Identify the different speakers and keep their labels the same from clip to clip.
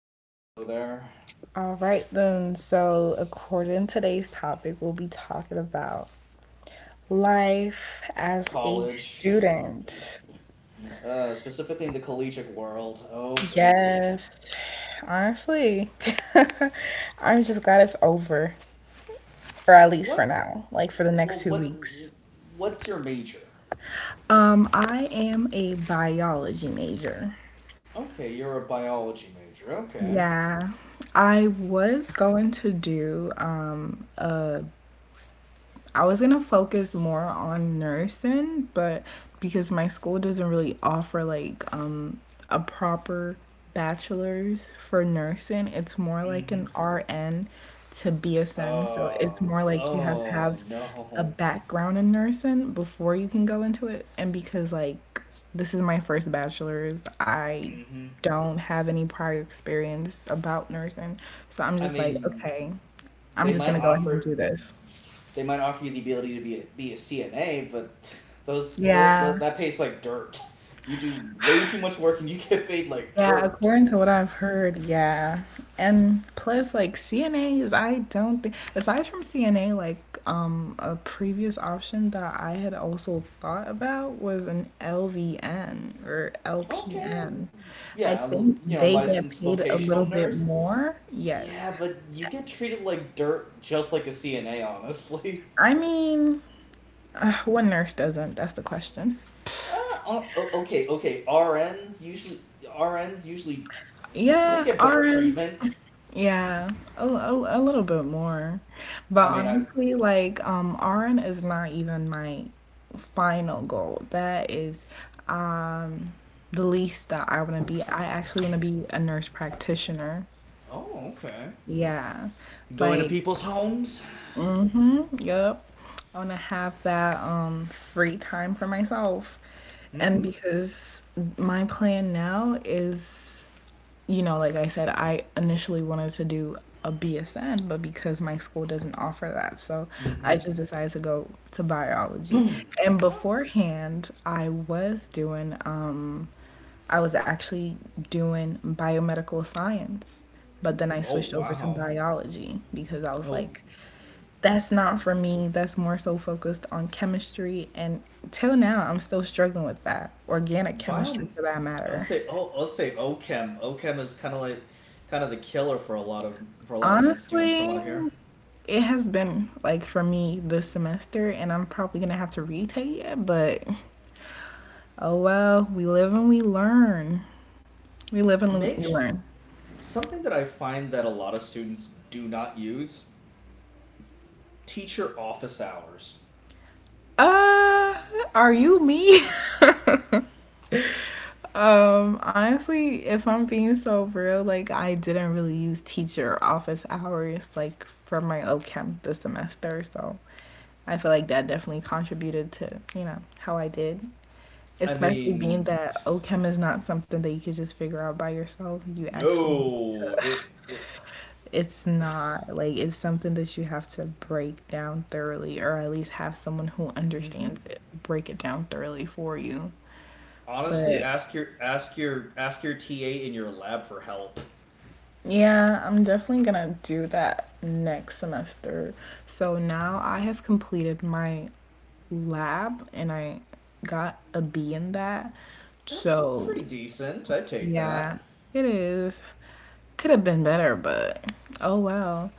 Speaker 1: Hello there.
Speaker 2: All right, then. So, according to today's topic, we'll be talking about life as a
Speaker 1: College.
Speaker 2: student.
Speaker 1: Specifically in the collegiate world. Oh, baby.
Speaker 2: Yes, honestly, I'm just glad it's over, or at least for
Speaker 1: What?
Speaker 2: now, like for the next
Speaker 1: Well,
Speaker 2: two
Speaker 1: what?
Speaker 2: weeks.
Speaker 1: What's your major?
Speaker 2: I am a biology major.
Speaker 1: Okay, you're a biology major. Okay.
Speaker 2: Yeah, I was going to do um, a I was going to focus more on nursing, but because my school doesn't really offer like a proper bachelor's for nursing, it's more
Speaker 1: Mm
Speaker 2: like
Speaker 1: hmm.
Speaker 2: an RN to BSN. So it's
Speaker 1: Uh,
Speaker 2: more like you have to
Speaker 1: oh,
Speaker 2: have a
Speaker 1: no.
Speaker 2: background in nursing before you can go into it. And because like this is my first bachelor's, I
Speaker 1: Mm hmm.
Speaker 2: don't have any prior experience about nursing. So I'm
Speaker 1: I
Speaker 2: just like,
Speaker 1: mean,
Speaker 2: okay, I'm
Speaker 1: they
Speaker 2: just
Speaker 1: might
Speaker 2: going to go ahead and
Speaker 1: offer
Speaker 2: do this.
Speaker 1: they might offer you the ability to be a CNA, but those
Speaker 2: Yeah.
Speaker 1: that pays like dirt. You do way too much work and you get paid like
Speaker 2: Yeah,
Speaker 1: dirt.
Speaker 2: according to what I've heard, yeah. And plus, like CNAs, I don't think, aside from CNA, like a previous option that I had also thought about was an LVN or
Speaker 1: Okay,
Speaker 2: LPN. I
Speaker 1: yeah,
Speaker 2: think
Speaker 1: you know,
Speaker 2: they get
Speaker 1: licensed
Speaker 2: paid a little
Speaker 1: vocational
Speaker 2: bit
Speaker 1: nurse.
Speaker 2: more. Yes.
Speaker 1: Yeah, but you get treated like dirt just like a CNA, honestly.
Speaker 2: I mean, what nurse doesn't? That's the question.
Speaker 1: Uh, o- okay, RNs usually they
Speaker 2: Yeah,
Speaker 1: get better
Speaker 2: RNs.
Speaker 1: treatment.
Speaker 2: Yeah, a little bit more. But
Speaker 1: I mean, I
Speaker 2: honestly, like, RN is not even my final goal. That is, um, the least that I want to be. I actually want to be a nurse practitioner.
Speaker 1: Oh, okay.
Speaker 2: Yeah.
Speaker 1: Go into
Speaker 2: Like,
Speaker 1: people's homes.
Speaker 2: mm-hmm. Yep. I want to have that free time for myself. And
Speaker 1: Mm-hmm.
Speaker 2: because my plan now is, like I said, I initially wanted to do a BSN, but because my school doesn't offer that, so I
Speaker 1: Mm-hmm.
Speaker 2: just decided to go to biology. And
Speaker 1: Oh.
Speaker 2: beforehand, I was actually doing biomedical science, but then I
Speaker 1: Oh
Speaker 2: switched over to
Speaker 1: wow.
Speaker 2: biology because I was
Speaker 1: Oh,
Speaker 2: like that's not for me. That's more so focused on chemistry. And till now, I'm still struggling with that. Organic
Speaker 1: bio.
Speaker 2: chemistry, for that
Speaker 1: I'll
Speaker 2: matter.
Speaker 1: say. Oh, I'll say. OChem. OChem is kind of the killer for a lot of med students, from what
Speaker 2: Honestly,
Speaker 1: I hear.
Speaker 2: it has been like for me this semester, and I'm probably going to have to retake it. But oh well, we live and we learn. We live and
Speaker 1: Make
Speaker 2: we
Speaker 1: sh-
Speaker 2: learn.
Speaker 1: Something that I find that a lot of students do not use: teacher office hours.
Speaker 2: Uh, are you me? Honestly, if I'm being so real, like I didn't really use teacher office hours like for my OChem this semester, so I feel like that definitely contributed to, how I did.
Speaker 1: I
Speaker 2: Especially being
Speaker 1: mean,
Speaker 2: that OChem is not something that you could just figure out by yourself. You actually need to
Speaker 1: no.
Speaker 2: it's not like it's something that you have to break down thoroughly or at least have someone who understands
Speaker 1: Mm-hmm.
Speaker 2: it break it down thoroughly for you.
Speaker 1: Honestly,
Speaker 2: But
Speaker 1: ask your TA in your lab for help.
Speaker 2: yeah, I'm definitely gonna do that next semester. So now I have completed my lab and I got a B in that.
Speaker 1: That's
Speaker 2: So
Speaker 1: pretty decent. I take
Speaker 2: yeah,
Speaker 1: that.
Speaker 2: it is. Could have been better, but oh well.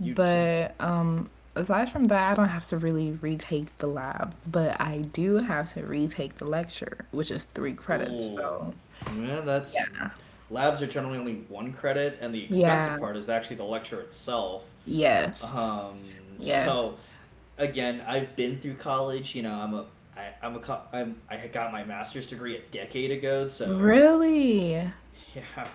Speaker 1: You t-
Speaker 2: aside from that, I don't have to really retake the lab, but I do have to retake the lecture, which is three credits.
Speaker 1: ooh.
Speaker 2: So
Speaker 1: Yeah, that's,
Speaker 2: yeah.
Speaker 1: labs are generally only one credit and the
Speaker 2: Yeah.
Speaker 1: expensive part is actually the lecture itself.
Speaker 2: Yes.
Speaker 1: Um,
Speaker 2: Yes.
Speaker 1: so again, I've been through college. You know, I'm a I, I'm ai am I got my master's degree a decade ago, so
Speaker 2: Really?
Speaker 1: yeah,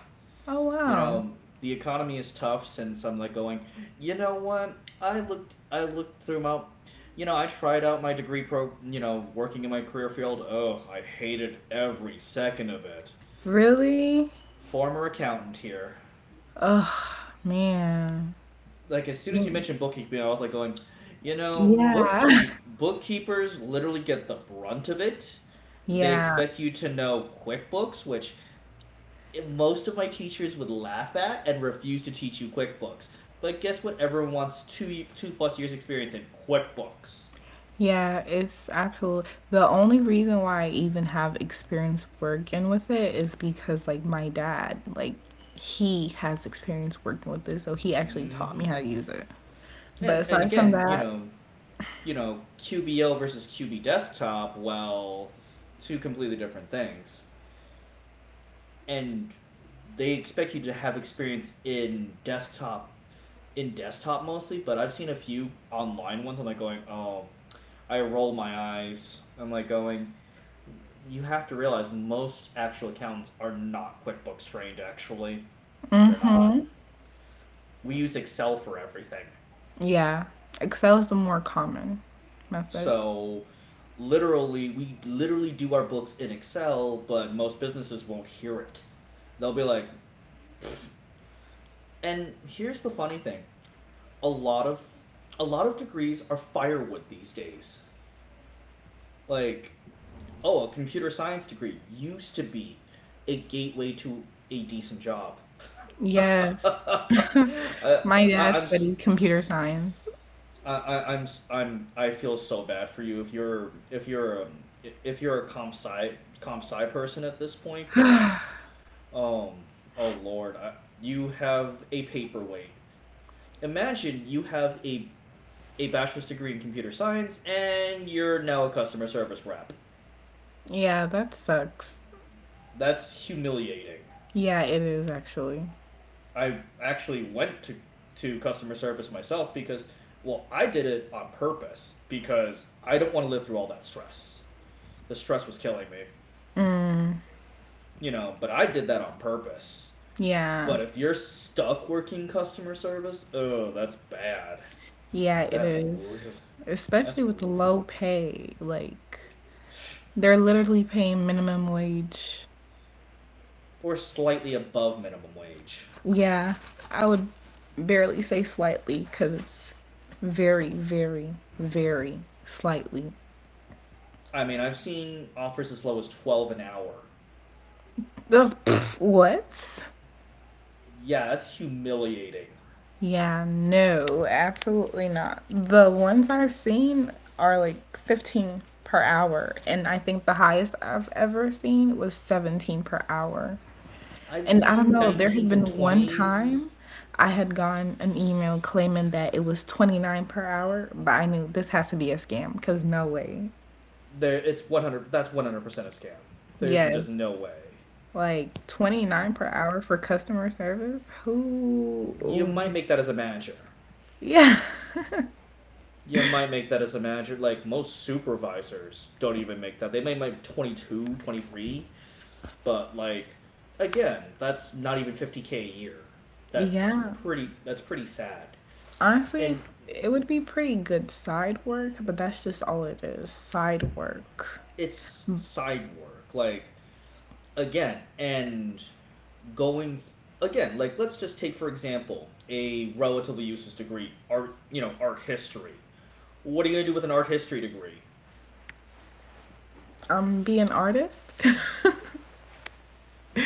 Speaker 2: Oh,
Speaker 1: you
Speaker 2: wow.
Speaker 1: know, the economy is tough since I'm like going, you know what? I looked through my, you know, I tried out my you know, working in my career field. Oh, I hated every second of it.
Speaker 2: Really?
Speaker 1: Former accountant here.
Speaker 2: Man.
Speaker 1: Like as soon as you
Speaker 2: Mm.
Speaker 1: mentioned bookkeeping, I was like going, you know,
Speaker 2: Yeah.
Speaker 1: bookkeepers literally get the brunt of it. They
Speaker 2: Yeah.
Speaker 1: expect you to know QuickBooks, which most of my teachers would laugh at and refuse to teach you QuickBooks. But guess what? Everyone wants two plus years experience in QuickBooks.
Speaker 2: Yeah, it's absolute. The only reason why I even have experience working with it is because like my dad, like he has experience working with this, so he actually taught
Speaker 1: Mm-hmm.
Speaker 2: me how to use it. But
Speaker 1: And
Speaker 2: aside from
Speaker 1: again,
Speaker 2: that,
Speaker 1: you know, QBO versus QB Desktop. Well, two completely different things. And they expect you to have experience in desktop mostly, but I've seen a few online ones. I'm like going, oh, I roll my eyes. I'm like going, you have to realize most actual accountants are not QuickBooks trained, actually. They're not.
Speaker 2: hmm,
Speaker 1: We use Excel for everything.
Speaker 2: yeah, Excel is the more common method.
Speaker 1: So literally, we literally do our books in Excel, but most businesses won't hear it. They'll be like, and here's the funny thing: a lot of a lot of degrees are firewood these days. Like, oh, a computer science degree used to be a gateway to a decent job.
Speaker 2: Yes.
Speaker 1: I, I,
Speaker 2: My dad
Speaker 1: I'm. S-
Speaker 2: studied computer science.
Speaker 1: I, I'm I I'm I feel so bad for you if you're if you're a comp sci person at this point because um oh lord, you have a paperweight. Imagine you have a bachelor's degree in computer science and you're now a customer service rep.
Speaker 2: Yeah, that sucks.
Speaker 1: That's humiliating.
Speaker 2: Yeah, it is actually.
Speaker 1: I actually went to customer service myself because, well, I did it on purpose because I don't want to live through all that stress. The stress was killing me,
Speaker 2: Mm,
Speaker 1: you know, but I did that on purpose.
Speaker 2: yeah.
Speaker 1: But if you're stuck working customer service, oh, that's bad.
Speaker 2: Yeah, it
Speaker 1: That's real.
Speaker 2: is. Especially
Speaker 1: That's
Speaker 2: with the
Speaker 1: real.
Speaker 2: low pay. Like, they're literally paying minimum wage.
Speaker 1: Or slightly above minimum wage.
Speaker 2: Yeah, I would barely say slightly because it's very, very, very slightly.
Speaker 1: I mean, I've seen offers as low as 12 an hour.
Speaker 2: Ugh, pff, what?
Speaker 1: Yeah, that's humiliating.
Speaker 2: Yeah, no, absolutely not. The ones I've seen are like 15 per hour, and I think the highest I've ever seen was 17 per hour.
Speaker 1: I've
Speaker 2: And I don't
Speaker 1: seen
Speaker 2: know, there had
Speaker 1: 19s and
Speaker 2: been one
Speaker 1: 20s.
Speaker 2: time I had gotten an email claiming that it was 29 per hour, but I knew this has to be a scam because no way.
Speaker 1: There, it's 100% a scam. There's
Speaker 2: Yes,
Speaker 1: just no way.
Speaker 2: like 29 per hour for customer service? Who?
Speaker 1: You might make that as a manager.
Speaker 2: Yeah.
Speaker 1: You might make that as a manager. Like most supervisors don't even make that. They may make 22 23, but like, again, that's not even 50k a year. That's
Speaker 2: Yeah.
Speaker 1: pretty sad.
Speaker 2: Honestly,
Speaker 1: And
Speaker 2: it would be pretty good side work, but that's just all it is side work.
Speaker 1: it's side work, like, again, and going, again, like, let's just take for example a relatively useless degree: art, you know, art history. What are you gonna do with an art history degree?
Speaker 2: Be an artist.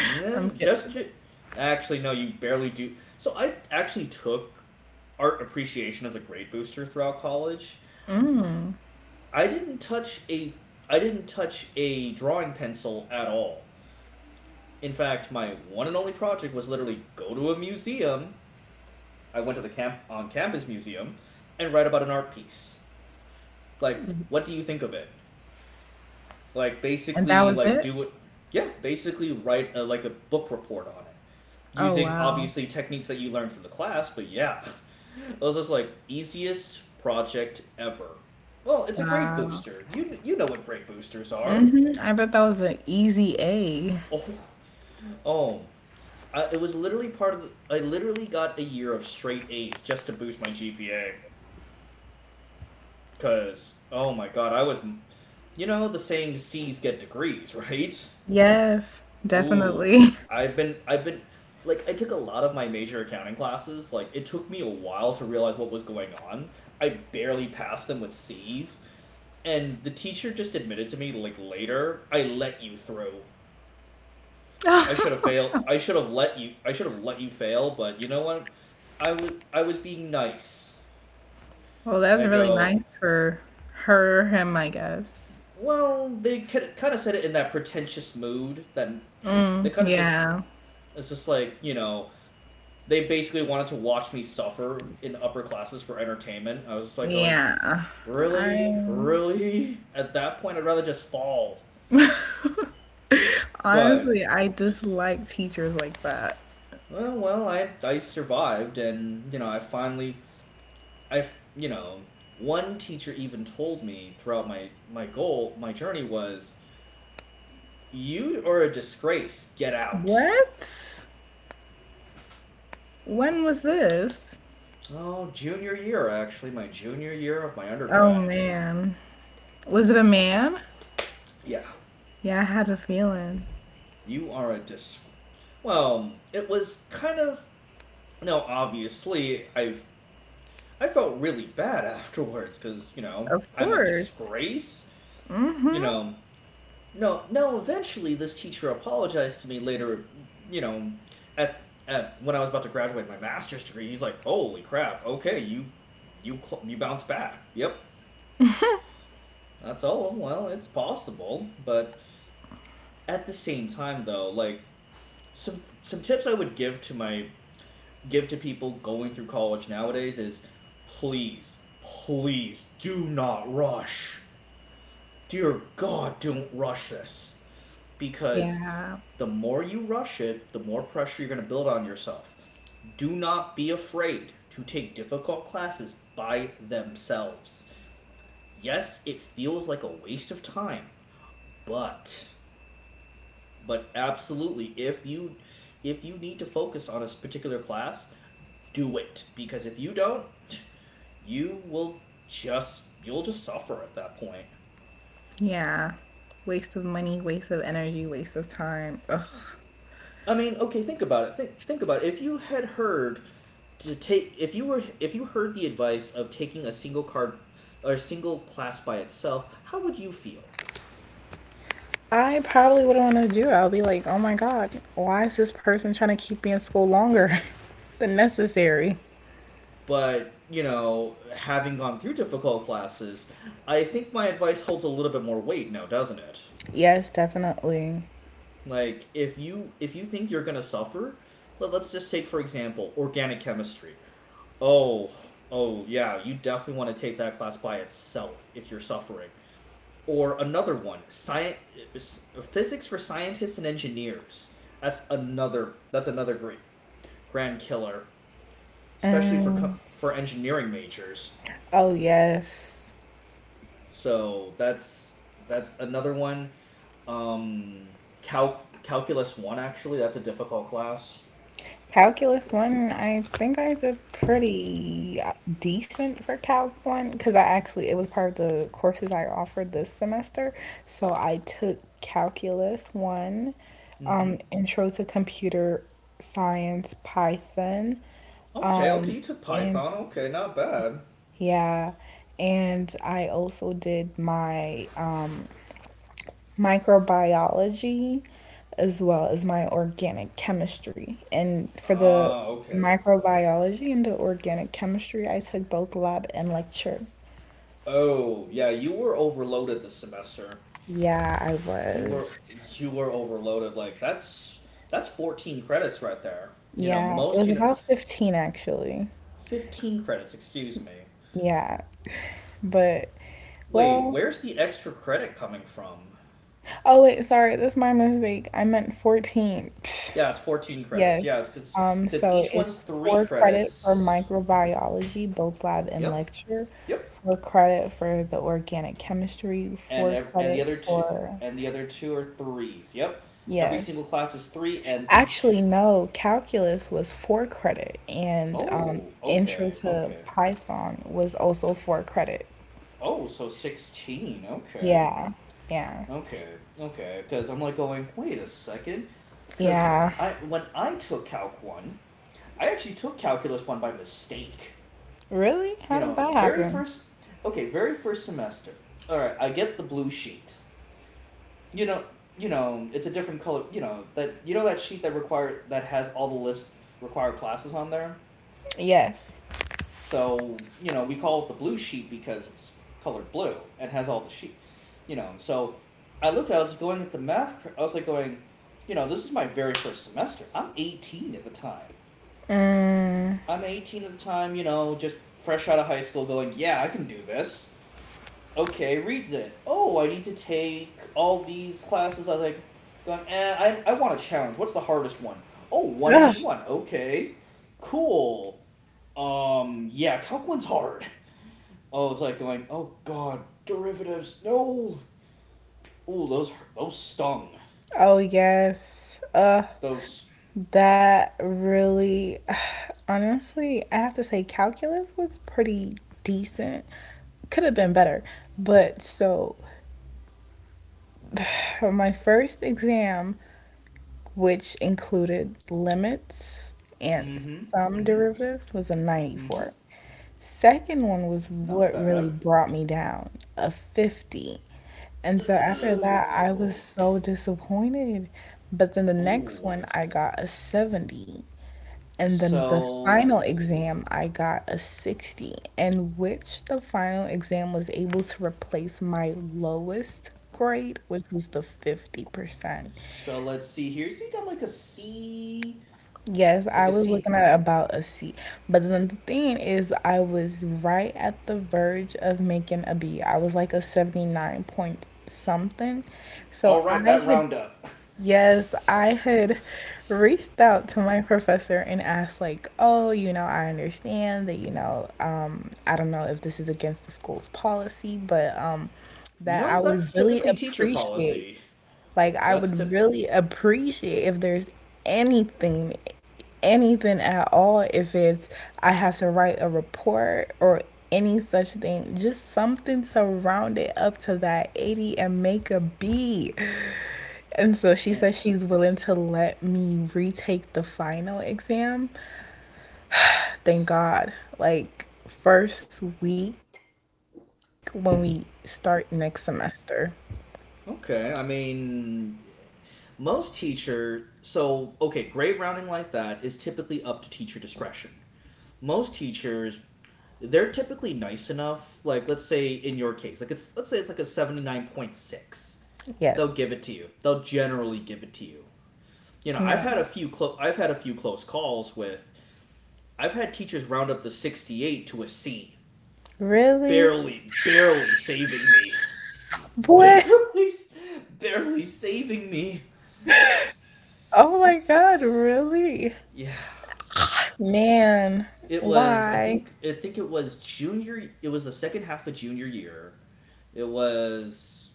Speaker 2: I'm
Speaker 1: just,
Speaker 2: kidding.
Speaker 1: actually, no, you barely do. So I actually took art appreciation as a grade booster throughout college. I didn't touch a I didn't touch a drawing pencil at all. In fact, my one and only project was literally go to a museum. I went to the campus museum and write about an art piece. Like, what do you think of it? Like,
Speaker 2: And that
Speaker 1: basically,
Speaker 2: was
Speaker 1: like
Speaker 2: it?
Speaker 1: do it. Yeah, basically write a, like a book report on it,
Speaker 2: Oh,
Speaker 1: using
Speaker 2: wow.
Speaker 1: obviously techniques that you learned from the class, but yeah. I was just like, easiest project ever. Well, it's a grade
Speaker 2: Wow.
Speaker 1: booster. You know what grade boosters are.
Speaker 2: Mm-hmm. I bet that was an easy A.
Speaker 1: Oh, oh. It was literally part of the, I literally got a year of straight A's just to boost my GPA. Cause oh my god, I was, you know the saying, C's get degrees, right?
Speaker 2: Yes,
Speaker 1: Ooh,
Speaker 2: definitely.
Speaker 1: I've been like, I took a lot of my major accounting classes. Like, it took me a while to realize what was going on. I barely passed them with C's, and the teacher just admitted to me like later, I let you through. I should have failed. I should have let you. I should have let you fail. But you know what? I was being nice.
Speaker 2: Well,
Speaker 1: And
Speaker 2: that's
Speaker 1: I
Speaker 2: really
Speaker 1: go,
Speaker 2: nice for her, him, I guess.
Speaker 1: well, they kind of said it in that pretentious mood. That they kind of just,
Speaker 2: Yeah.
Speaker 1: it's just like, you know, they basically wanted to watch me suffer in upper classes for entertainment. I was just like going,
Speaker 2: Yeah.
Speaker 1: really,
Speaker 2: I
Speaker 1: really. At that point, I'd rather just fall. But,
Speaker 2: honestly, I dislike teachers like that.
Speaker 1: well, well, I survived, and you know, I finally, I, you know, one teacher even told me throughout my journey was, you are a disgrace. Get out.
Speaker 2: What? When was this?
Speaker 1: Oh, junior year actually, my junior year of my
Speaker 2: Oh
Speaker 1: undergrad.
Speaker 2: man. Was it a man?
Speaker 1: Yeah,
Speaker 2: Yeah, I had a feeling.
Speaker 1: you are a dis. Well, it was kind of, now, obviously, I've, I felt really bad afterwards because you know
Speaker 2: Of
Speaker 1: I'm a
Speaker 2: course.
Speaker 1: disgrace. You
Speaker 2: Mm-hmm.
Speaker 1: know, no, no. Eventually, this teacher apologized to me later. You know, at at when I was about to graduate my master's degree, he's like, "Holy crap! Okay, you you bounce back. Yep, that's all." Well, it's possible, but at the same time, though, like, some tips I would give to people going through college nowadays is, please, please do not rush. Dear God, don't rush this. Because
Speaker 2: Yeah.
Speaker 1: the more you rush it, the more pressure you're going to build on yourself. Do not be afraid to take difficult classes by themselves. Yes, it feels like a waste of time, but but absolutely, if you need to focus on a particular class, do it, because if you don't, you'll just suffer at that point.
Speaker 2: Yeah. Waste of money, waste of energy, waste of time. Ugh.
Speaker 1: I mean, okay, think about it. Think about it. If you had heard to take, if you heard the advice of taking a single card or a single class by itself, how would you feel?
Speaker 2: I probably wouldn't want to do it. I'll be like, oh my God, why is this person trying to keep me in school longer than necessary?
Speaker 1: But, you know, having gone through difficult classes, I think my advice holds a little bit more weight now, doesn't it?
Speaker 2: Yes, definitely.
Speaker 1: Like, if you think you're gonna suffer, let's just take for example organic chemistry. Oh, oh yeah, you definitely want to take that class by itself if you're suffering. Or another one, science physics for scientists and engineers. That's another great grand killer, especially for
Speaker 2: Mm.
Speaker 1: for engineering majors.
Speaker 2: Oh, yes.
Speaker 1: So that's another one. Um, calculus one, actually that's a difficult class.
Speaker 2: Calculus one, I think I did pretty decent for Calc one because I actually it was part of the courses I offered this semester. So I took Calculus one,
Speaker 1: Mm-hmm.
Speaker 2: Intro to Computer Science, Python,
Speaker 1: Okay, okay, you took
Speaker 2: and
Speaker 1: Python. Okay, not bad.
Speaker 2: yeah, and I also did my microbiology as well as my organic chemistry. And for the
Speaker 1: Ah, okay.
Speaker 2: microbiology and the organic chemistry, I took both lab and lecture.
Speaker 1: Oh, yeah, you were overloaded this semester.
Speaker 2: Yeah, I
Speaker 1: You were
Speaker 2: was.
Speaker 1: you were overloaded. Like that's 14 credits right there. You know,
Speaker 2: Yeah, it
Speaker 1: most,
Speaker 2: was
Speaker 1: you know,
Speaker 2: about 15 actually.
Speaker 1: 15 credits, excuse me.
Speaker 2: Yeah, but
Speaker 1: Wait,
Speaker 2: well,
Speaker 1: where's the extra credit coming from?
Speaker 2: oh wait, sorry, that's my mistake. I meant 14.
Speaker 1: Yeah, it's 14 credits.
Speaker 2: Yes.
Speaker 1: Yeah, it's cuz cuz
Speaker 2: So
Speaker 1: each one's
Speaker 2: it's
Speaker 1: 3
Speaker 2: four credit for
Speaker 1: credits.
Speaker 2: microbiology, both lab and
Speaker 1: Yep.
Speaker 2: lecture,
Speaker 1: Yep.
Speaker 2: four credit for the organic chemistry,
Speaker 1: And
Speaker 2: four
Speaker 1: and the
Speaker 2: credit
Speaker 1: other two
Speaker 2: for,
Speaker 1: and the other two are threes. Yep. Every single
Speaker 2: yes.
Speaker 1: class is 3 and each,
Speaker 2: Actually, no, calculus was four credit and
Speaker 1: oh,
Speaker 2: intro
Speaker 1: okay,
Speaker 2: to
Speaker 1: okay.
Speaker 2: Python was also four credit.
Speaker 1: Oh, so 16, okay.
Speaker 2: Yeah, yeah,
Speaker 1: Okay, okay. Because I'm like going, wait a second. Because
Speaker 2: yeah.
Speaker 1: I, when I took Calc 1, I actually took Calculus 1 by mistake.
Speaker 2: Really?
Speaker 1: You
Speaker 2: How did
Speaker 1: know,
Speaker 2: that happen?
Speaker 1: okay, very first semester. All right, I get the blue sheet. You know, you know, it's a different color, you know that sheet that that has all the list, required classes on there?
Speaker 2: Yes.
Speaker 1: So, you know, we call it the blue sheep because it's colored blue and has all the sheep, you know. So I looked at it, I was going at the math, I was like going, you know, this is my very first semester. I'm 18 at the time.
Speaker 2: Mm.
Speaker 1: You know, just fresh out of high school going, yeah, I can do this. Okay, reads it. Oh, I need to take all these classes. I was like, going, I want a challenge. What's the hardest one? Oh, one
Speaker 2: Ugh.
Speaker 1: eighty one. Okay, cool. Yeah, calc one's hard. Oh, it's like going, oh god, derivatives, no. Oh those stung.
Speaker 2: Oh, yes. Ugh.
Speaker 1: Those.
Speaker 2: That really, honestly, I have to say, calculus was pretty decent. Could have been better. But so, for my first exam, which included limits and
Speaker 1: Mm-hmm.
Speaker 2: some
Speaker 1: Mm-hmm.
Speaker 2: derivatives, was a
Speaker 1: Mm-hmm.
Speaker 2: 94. Second one was
Speaker 1: Not
Speaker 2: what really
Speaker 1: bad.
Speaker 2: brought me down, a 50. And so after that, I was
Speaker 1: Ooh.
Speaker 2: so disappointed. But then the next
Speaker 1: Ooh.
Speaker 2: one, I got a 70. And then the final
Speaker 1: So.
Speaker 2: exam, I got a 60, in which the final exam was able to replace my lowest grade, which was the 50%.
Speaker 1: So let's see here. So you got
Speaker 2: Yes,
Speaker 1: like
Speaker 2: I
Speaker 1: a
Speaker 2: was
Speaker 1: C.
Speaker 2: looking at about a C. But then the thing is, I was right at the verge of making a B. I was like a 79 point something. So
Speaker 1: All right,
Speaker 2: I
Speaker 1: that
Speaker 2: had.
Speaker 1: round up.
Speaker 2: Yes, I had reached out to my professor and asked, like, oh, I understand that, I don't know if this is against the school's policy, but that
Speaker 1: No,
Speaker 2: I would
Speaker 1: that's
Speaker 2: really
Speaker 1: typically teacher
Speaker 2: appreciate,
Speaker 1: policy.
Speaker 2: like, I
Speaker 1: That's
Speaker 2: would
Speaker 1: tip.
Speaker 2: really appreciate if there's anything, anything at all, if it's I have to write a report or any such thing, just something to round it up to that 80 and make a B. And so she
Speaker 1: Eh.
Speaker 2: says she's willing to let me retake the final exam. Thank God. Like, first week when we start next semester.
Speaker 1: Okay, I mean, Most teacher, so okay, grade rounding like that is typically up to teacher discretion. Most teachers, they're typically nice enough. Like let's say in your case, like it's let's say it's like a 79.6.
Speaker 2: Yes.
Speaker 1: They'll give it to you. They'll generally give it to you. You
Speaker 2: Yeah.
Speaker 1: know, I've had a few close calls with. I've had teachers round up to 68 to a C,
Speaker 2: Really?
Speaker 1: barely, barely saving me.
Speaker 2: What?
Speaker 1: Barely, barely saving me.
Speaker 2: Oh my God. Really?
Speaker 1: Yeah.
Speaker 2: Man.
Speaker 1: It
Speaker 2: Why?
Speaker 1: was, I think it was junior. It was the second half of junior year. It was,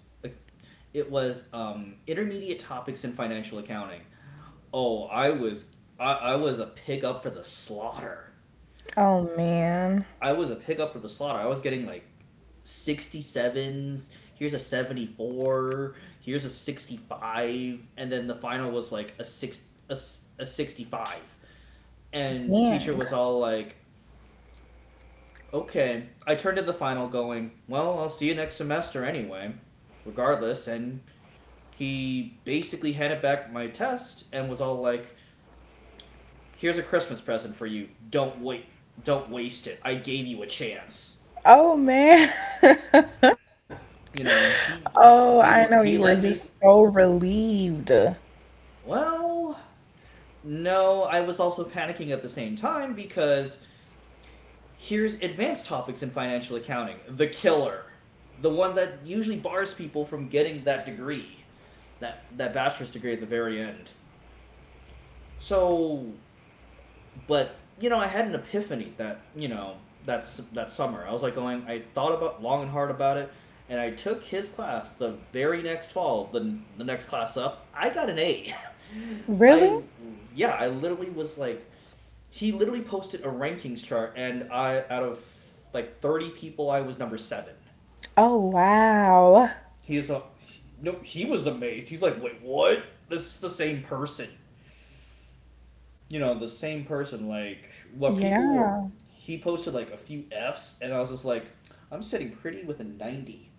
Speaker 1: intermediate topics in financial accounting. Oh, I was a pig up for the slaughter.
Speaker 2: Oh man.
Speaker 1: I was a pig up for the slaughter. I was getting like 67s. Here's a 74. Here's a 65, and then the final was like a 65. And the teacher
Speaker 2: Yang.
Speaker 1: was all like, okay, I turned to the final, going, "Well, I'll see you next semester anyway, regardless." And he basically handed back my test and was all like, "Here's a Christmas present for you. Don't wait. Don't waste it. I gave you a chance."
Speaker 2: Oh man.
Speaker 1: You know,
Speaker 2: Oh, I know
Speaker 1: he
Speaker 2: you were
Speaker 1: he let
Speaker 2: just
Speaker 1: me,
Speaker 2: so relieved.
Speaker 1: well, no, I was also panicking at the same time because here's advanced topics in financial accounting, the killer, the one that usually bars people from getting that degree, that bachelor's degree at the very end. So, but you know, I had an epiphany that, you know, that's that summer. I was like going, I thought about long and hard about it, and I took his class the very next fall. The next class up, I got an A.
Speaker 2: Really?
Speaker 1: I Yeah, I literally was like, he literally posted a rankings chart, and I, out of like 30 people, I was number seven.
Speaker 2: Oh wow.
Speaker 1: He's a No, he was amazed. He's like, wait, what? This is the same person. You know, the same person. Like, what people were.
Speaker 2: Yeah.
Speaker 1: He posted like a few F's, and I was just like, I'm sitting pretty with a 90.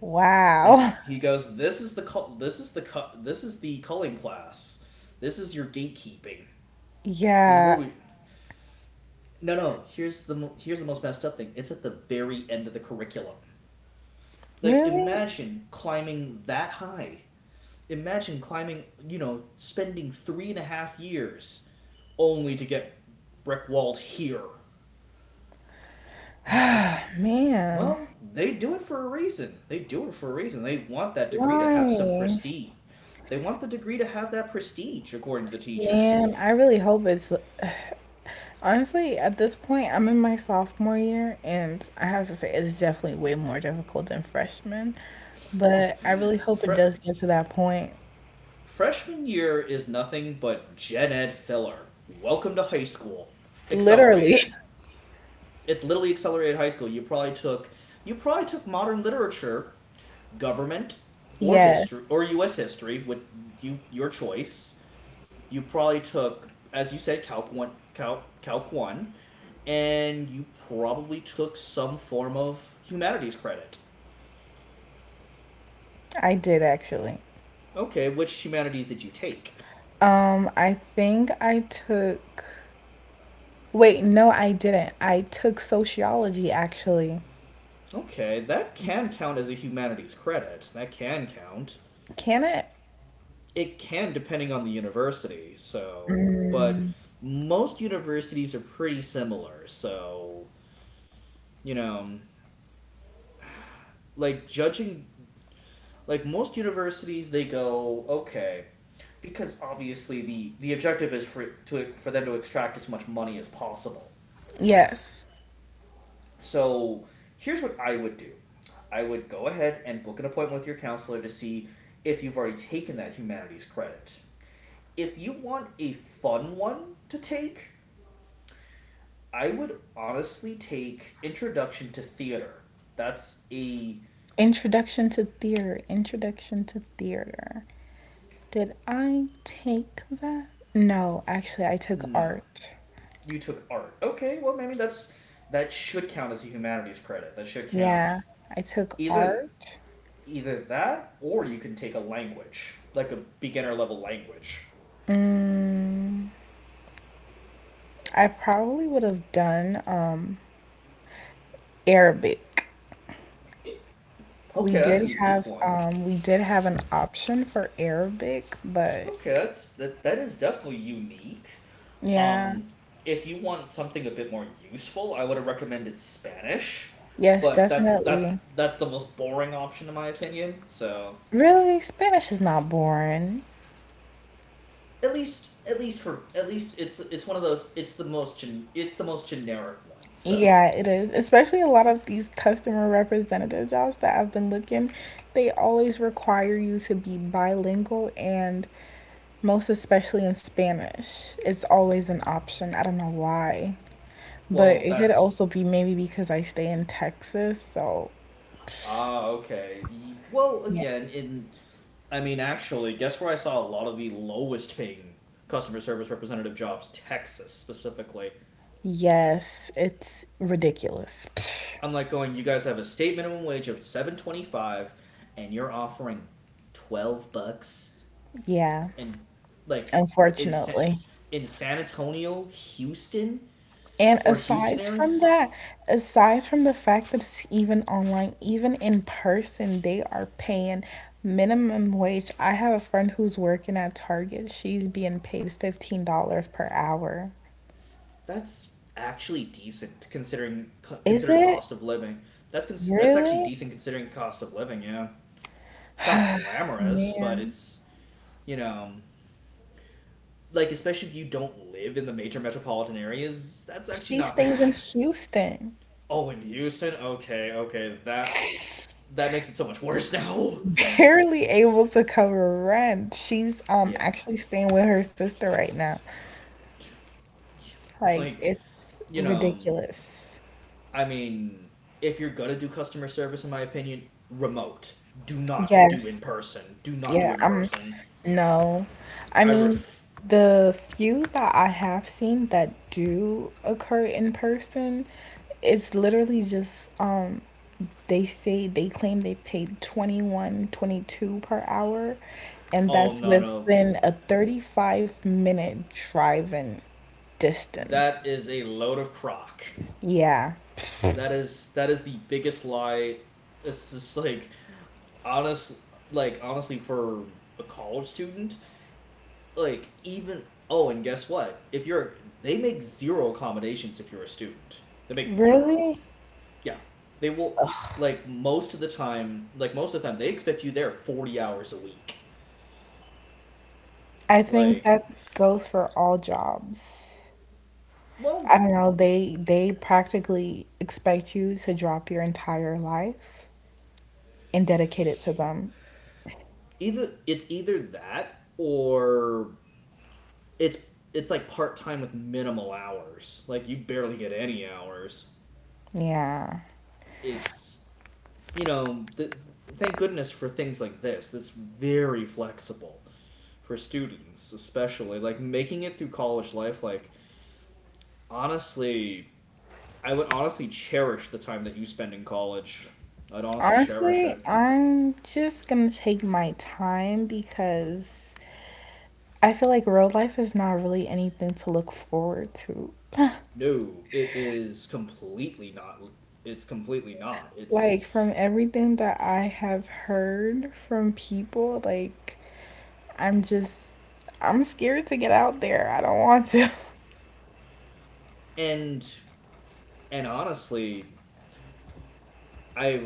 Speaker 2: Wow.
Speaker 1: And he goes, "This is the call. This is the cu- This is the culling class. This is your gatekeeping. This is where
Speaker 2: Yeah.
Speaker 1: we." No, no. Here's here's the most messed up thing. It's at the very end of the curriculum. Like,
Speaker 2: Really?
Speaker 1: imagine climbing that high. Imagine climbing. You know, spending 3.5 years only to get brick walled here at the...
Speaker 2: Man.
Speaker 1: Well, they do it for a reason. They do it for a reason. They want that degree to
Speaker 2: Why?
Speaker 1: have some prestige. They want the degree to have that prestige, according to the teachers.
Speaker 2: Man, I really hope it's honestly at this point I'm in my sophomore year and I have to say it's definitely way more difficult than freshman, but I really hope it
Speaker 1: Fre-
Speaker 2: does get to that point.
Speaker 1: Freshman year is nothing but gen ed filler. Welcome to high school.
Speaker 2: Literally.
Speaker 1: Accelerated. It's literally accelerated high school. You probably took modern literature, government, or
Speaker 2: Yes,
Speaker 1: history or US history with your choice. You probably took, as you said, Calc one, and you probably took some form of humanities credit.
Speaker 2: I did actually.
Speaker 1: Okay, which humanities did you take?
Speaker 2: I think I took, wait, no, I didn't. I took sociology actually.
Speaker 1: Okay, that can count as a humanities credit. That can count.
Speaker 2: Can it?
Speaker 1: It can depending on the university. So, but most universities are pretty similar. So, you know, like judging, like most universities they go okay, because obviously the objective is for them to extract as much money as possible.
Speaker 2: Yes.
Speaker 1: So here's what I would do. I would go ahead and book an appointment with your counselor to see if you've already taken that humanities credit. If you want a fun one to take, I would honestly take introduction to theater. That's a
Speaker 2: Introduction to theater. Introduction to theater. Did I take that? No, actually, I took
Speaker 1: No,
Speaker 2: art.
Speaker 1: you took art. Okay, well, maybe that's that should count as a humanities credit. That should count.
Speaker 2: Yeah, I took
Speaker 1: Either
Speaker 2: art.
Speaker 1: either that or you can take a language, like a beginner level language.
Speaker 2: I probably would have done Arabic. We
Speaker 1: Okay, that's
Speaker 2: did
Speaker 1: a unique
Speaker 2: have
Speaker 1: one.
Speaker 2: um, we did have an option for Arabic, but
Speaker 1: Okay, that is definitely unique.
Speaker 2: yeah,
Speaker 1: Um if you want something a bit more useful, I would have recommended Spanish,
Speaker 2: yes,
Speaker 1: but
Speaker 2: definitely.
Speaker 1: that's the most boring option in my opinion. So,
Speaker 2: Really, Spanish is not boring.
Speaker 1: at least it's one of those. It's it's the most generic one. So,
Speaker 2: Yeah, it is. Especially a lot of these customer representative jobs that I've been looking, they always require you to be bilingual and most especially in Spanish. It's always an option. I don't know why. But
Speaker 1: well,
Speaker 2: it could
Speaker 1: that's,
Speaker 2: also be maybe because I stay in Texas, so
Speaker 1: okay. Well,
Speaker 2: yeah.
Speaker 1: again, in I mean, actually, guess where I saw a lot of the lowest paying customer service representative jobs? Texas specifically.
Speaker 2: Yes, it's ridiculous. Pfft.
Speaker 1: I'm like going, you guys have a state minimum wage of 7.25, and you're offering $12,
Speaker 2: Yeah,
Speaker 1: and like in San,
Speaker 2: unfortunately.
Speaker 1: in San Antonio, Houston,
Speaker 2: And
Speaker 1: or Houston
Speaker 2: aside
Speaker 1: area.
Speaker 2: from that, aside from the fact that it's even online, even in person, they are paying minimum wage. I have a friend who's working at Target. She's being paid $15 per hour.
Speaker 1: That's actually decent considering,
Speaker 2: Is it
Speaker 1: cost of living. That's actually
Speaker 2: really?
Speaker 1: decent considering cost of living. Yeah. It's not glamorous, but
Speaker 2: Man,
Speaker 1: it's, you know, like especially if you don't live in the major metropolitan areas, that's actually
Speaker 2: she
Speaker 1: not
Speaker 2: stays
Speaker 1: bad.
Speaker 2: in Houston,
Speaker 1: Oh, in Houston, okay, okay, that makes it so much worse now.
Speaker 2: barely able to cover rent. She's
Speaker 1: Yeah,
Speaker 2: actually staying with her sister right now. Like
Speaker 1: like,
Speaker 2: it's
Speaker 1: you know,
Speaker 2: ridiculous.
Speaker 1: I mean, if you're gonna do customer service, in my opinion, remote. Do not do in
Speaker 2: Yes.
Speaker 1: person. Do not do
Speaker 2: Yeah,
Speaker 1: in
Speaker 2: I'm
Speaker 1: person.
Speaker 2: no. I
Speaker 1: I
Speaker 2: mean,
Speaker 1: ref.
Speaker 2: the few that I have seen that do occur in person, it's literally just they say they claim they paid 21, 22 per hour, and
Speaker 1: Oh,
Speaker 2: that's
Speaker 1: no,
Speaker 2: within a 35-minute driving distance.
Speaker 1: that is a load of crock.
Speaker 2: Yeah.
Speaker 1: That is the biggest lie. It's just like, honest, like honestly, for a college student, like, even, oh, and guess what? If you're they make zero accommodations if you're a student. They make zero.
Speaker 2: Really?
Speaker 1: Yeah, they will, like most of the time. Like most of the time, they expect you there 40 hours a week.
Speaker 2: I
Speaker 1: Like,
Speaker 2: think that goes for all jobs. I
Speaker 1: well,
Speaker 2: don't know, they practically expect you to drop your entire life and dedicate it to them.
Speaker 1: either it's either that or it's it's like part time with minimal hours. Like you barely get any hours.
Speaker 2: Yeah.
Speaker 1: It's you know the Thank goodness for things like this that's very flexible for students, especially like making it through college life. Like, honestly, I would honestly cherish the time that you spend in college. I'd honestly cherish
Speaker 2: Honestly,
Speaker 1: it.
Speaker 2: I'm just gonna take my time because I feel like real life is not really anything to look forward to.
Speaker 1: No, it is completely not. It's completely not it's
Speaker 2: Like from everything that I have heard from people, like I'm just I'm scared to get out there. I don't want to.
Speaker 1: and and honestly, I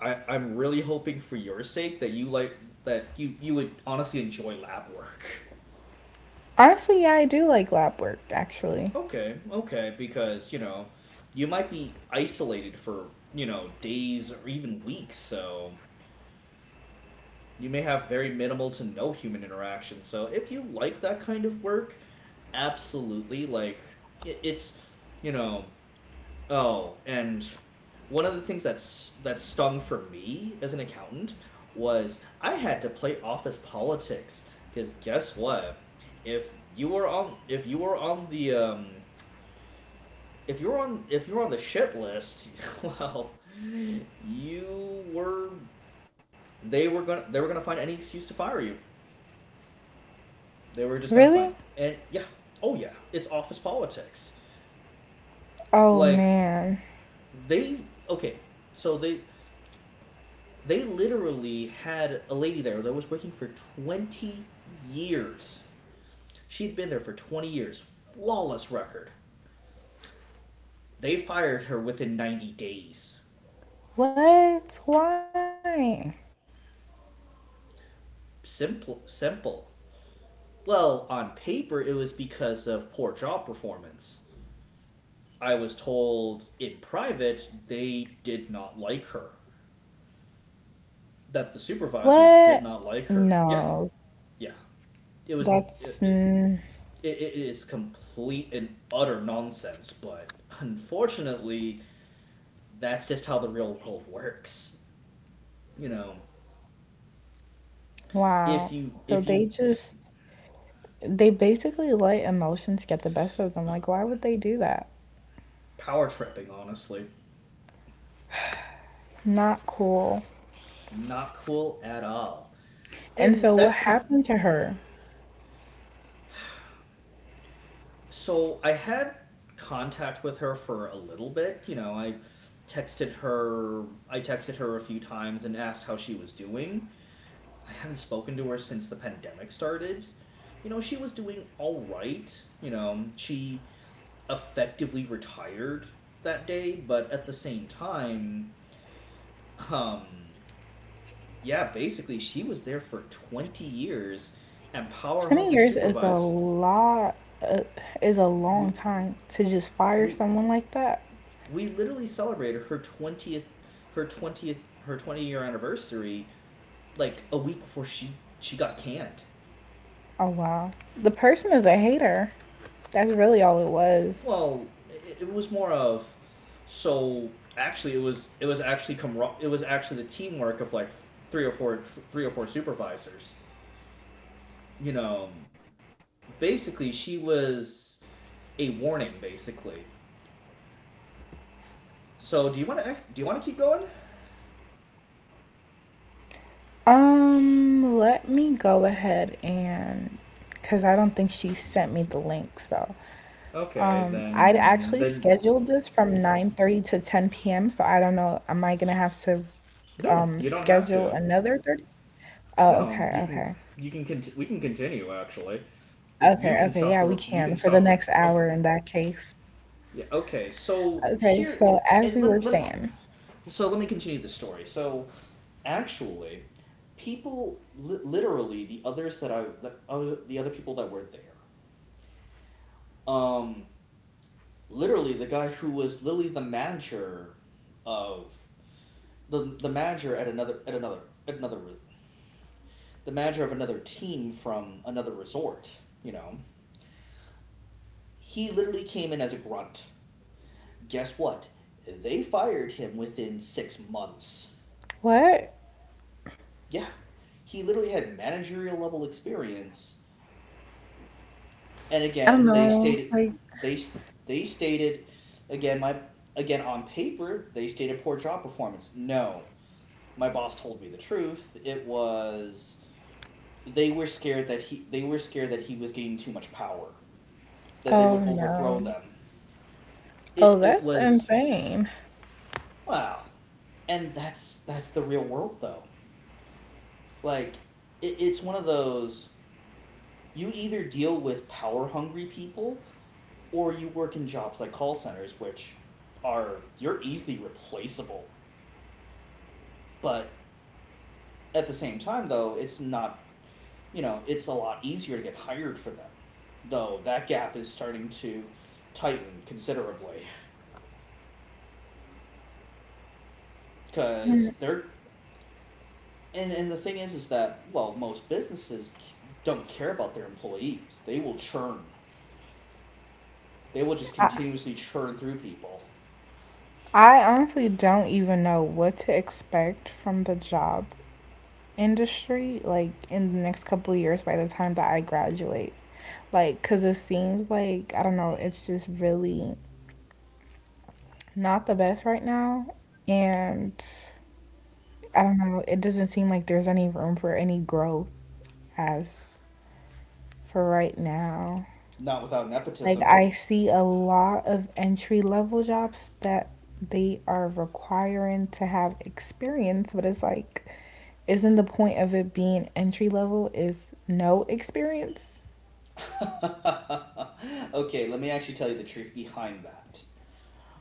Speaker 1: I i am really hoping for your sake that you like, that you would honestly enjoy lab work.
Speaker 2: Honestly, yeah, I do like lab work actually.
Speaker 1: Okay, okay, because, you know, you might be isolated for, you know, days or even weeks, so you may have very minimal to no human interaction. So if you like that kind of work, absolutely, like, it's, you know. Oh, and one of the things that's, that stung for me as an accountant was I had to play office politics, because guess what? If you were on the if you're on the shit list, well, you were they were gonna find any excuse to fire you. They were just gonna find
Speaker 2: Really?
Speaker 1: And yeah, oh yeah, it's office politics.
Speaker 2: Oh
Speaker 1: Like,
Speaker 2: man.
Speaker 1: they okay, so they literally had a lady there that was working for 20 years. She'd been there for 20 years, flawless record. They fired her within 90 days.
Speaker 2: What? Why?
Speaker 1: Simple, simple. Well, on paper, it was because of poor job performance. I was told in private they did not like her, that the
Speaker 2: What?
Speaker 1: supervisors did not like her.
Speaker 2: No.
Speaker 1: Yeah, yeah. It
Speaker 2: That's
Speaker 1: was. It, it, it is complete and utter nonsense, but unfortunately, that's just how the real world works. You know,
Speaker 2: wow. So
Speaker 1: if
Speaker 2: they
Speaker 1: you
Speaker 2: just they basically let emotions get the best of them. Like why would they do that?
Speaker 1: power tripping, honestly,
Speaker 2: Not cool.
Speaker 1: not cool at all.
Speaker 2: And
Speaker 1: And
Speaker 2: so what
Speaker 1: that's kind
Speaker 2: happened to her?
Speaker 1: so I had contact with her for a little bit. You know, texted her I texted her a few times and asked how she was doing. I haven't spoken to her since the pandemic started. You know, she was doing all right. You know, she effectively retired that day, but at the same time, um yeah, basically she was there for 20 years and power
Speaker 2: 20
Speaker 1: hungry
Speaker 2: years is a
Speaker 1: supervise.
Speaker 2: lot uh, is a long
Speaker 1: we
Speaker 2: time to just fire
Speaker 1: we
Speaker 2: someone like that.
Speaker 1: we literally celebrated her 20th her 20th her 20-year anniversary like a week before she got canned.
Speaker 2: Oh wow. The person is a hater. That's really all it was.
Speaker 1: Well, it was more of so actually, it was actually the teamwork of like three or four supervisors, you know. Basically, she was a warning, basically. So, do you want to, keep going?
Speaker 2: Let me go ahead and because I don't think she sent me the link. So,
Speaker 1: Okay,
Speaker 2: I'd
Speaker 1: then.
Speaker 2: actually scheduled this from 9:30 to 10 p.m. So I don't know. Am I gonna have to
Speaker 1: No, you don't have
Speaker 2: schedule
Speaker 1: to.
Speaker 2: another 30? Oh,
Speaker 1: No,
Speaker 2: okay,
Speaker 1: you
Speaker 2: okay.
Speaker 1: can, you can con. We can continue actually. It, you
Speaker 2: Okay,
Speaker 1: can
Speaker 2: okay.
Speaker 1: stop
Speaker 2: Yeah, we
Speaker 1: the you can
Speaker 2: can for the
Speaker 1: stop when
Speaker 2: next
Speaker 1: okay
Speaker 2: hour in that case.
Speaker 1: yeah okay so
Speaker 2: Okay,
Speaker 1: Here,
Speaker 2: so
Speaker 1: and
Speaker 2: as we were
Speaker 1: let me-
Speaker 2: saying,
Speaker 1: so let me continue the story. Actually, people li- literally the others that I the other people that were there um literally the guy who was literally the manager of the manager at another at another at another the manager of another team from another resort you know He literally came in as a grunt. Guess what? They fired him within 6 months.
Speaker 2: what?
Speaker 1: Yeah. He literally had managerial level experience. And
Speaker 2: I don't
Speaker 1: again, they
Speaker 2: know.
Speaker 1: stated,
Speaker 2: Like,
Speaker 1: they, they stated, again, my, again, on paper, they stated poor job performance. No, my boss told me the truth. It was, they were scared that they were scared that he was getting too much power, that they would
Speaker 2: oh no.
Speaker 1: overthrow them. It,
Speaker 2: Oh,
Speaker 1: it
Speaker 2: that's
Speaker 1: was,
Speaker 2: insane.
Speaker 1: wow. And that's the real world though. Like, it's one of those. You either deal with power hungry people or you work in jobs like call centers, which are you're easily replaceable. But at the same time, though, it's not, you know, it's a lot easier to get hired for them. Though that gap is starting to tighten considerably because they're. And the thing is that, well, most businesses don't care about their employees. They will churn. They will just
Speaker 2: I,
Speaker 1: continuously churn through people.
Speaker 2: I honestly don't even know what to expect from the job industry like in the next couple of years by the time that I graduate. Like cuz it seems like I don't know, it's just really not the best right now and I don't know, it doesn't seem like there's any room for any growth as for right now.
Speaker 1: Not without
Speaker 2: Like
Speaker 1: nepotism.
Speaker 2: I see a lot of entry level jobs that they are requiring to have experience, but it's like, isn't the point of it being entry level is no experience?
Speaker 1: Okay, let me actually tell you the truth behind that.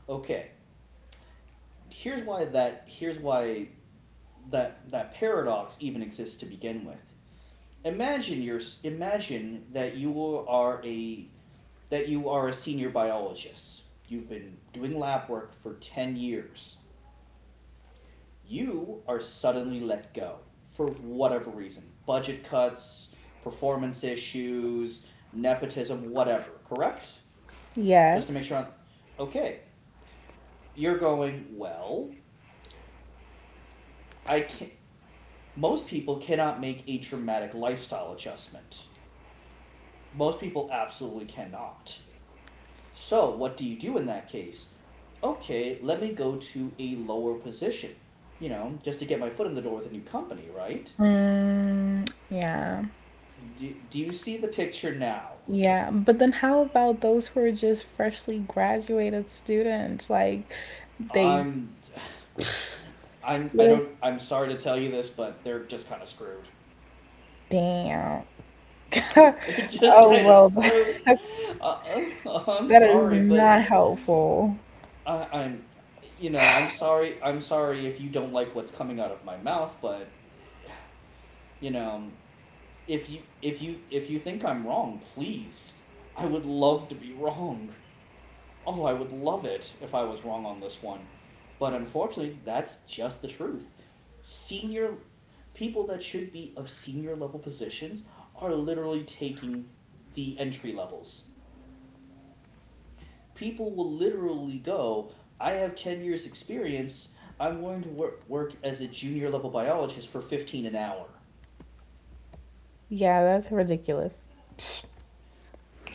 Speaker 1: Okay, here's why that that paradox even exists to begin with. Imagine that you are a senior biologist. You've been doing lab work for 10 years. You are suddenly let go for whatever reason. Budget cuts, performance issues, nepotism, whatever, correct? Just to make
Speaker 2: Yes.
Speaker 1: sure I'm okay. You're going well. I can not Most people cannot make a traumatic lifestyle adjustment. Most people absolutely cannot. So what do you do in that case? Okay, let me go to a lower position. You know, just to get my foot in the door with a new company, right?
Speaker 2: Yeah.
Speaker 1: Do you see the picture now?
Speaker 2: Yeah. But then how about those who are just freshly graduated students? Like they
Speaker 1: I'm, I'm, I
Speaker 2: they're
Speaker 1: don't. I'm sorry to tell you this, but they're just kind of screwed.
Speaker 2: damn.
Speaker 1: They're just
Speaker 2: Oh
Speaker 1: kind of
Speaker 2: well,
Speaker 1: screwed.
Speaker 2: that's
Speaker 1: Uh, I'm
Speaker 2: that is
Speaker 1: sorry, but
Speaker 2: not helpful.
Speaker 1: I, I'm, you know, I'm sorry. I'm sorry if you don't like what's coming out of my mouth, but you know, if you think I'm wrong, please. I would love to be wrong. Oh, I would love it if I was wrong on this one. But unfortunately, that's just the truth. Senior people that should be of senior level positions are literally taking the entry levels. People will literally go, I have 10 years' experience. I'm going to work as a junior level biologist for 15 an hour.
Speaker 2: Yeah, that's ridiculous.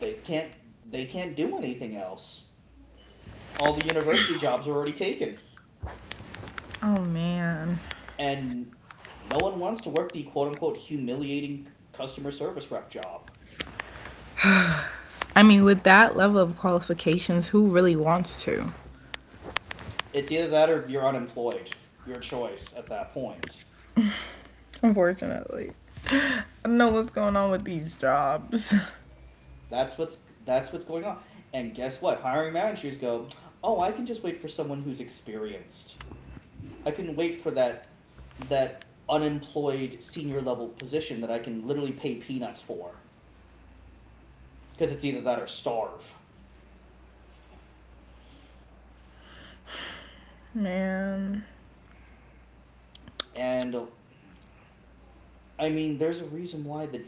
Speaker 1: They can't they can't do anything else. All the university jobs are already taken,
Speaker 2: Oh man.
Speaker 1: and no one wants to work the quote unquote humiliating customer service rep job.
Speaker 2: I mean, with that level of qualifications, who really wants to?
Speaker 1: It's either that or you're unemployed. Your choice at that point.
Speaker 2: Unfortunately. I don't know what's going on with these jobs.
Speaker 1: That's what's going on. And guess what? Hiring managers go, "Oh, I can just wait for someone who's experienced. I can wait for that unemployed senior level position that I can literally pay peanuts for because it's either that or starve.
Speaker 2: Man.
Speaker 1: And I mean, there's a reason why the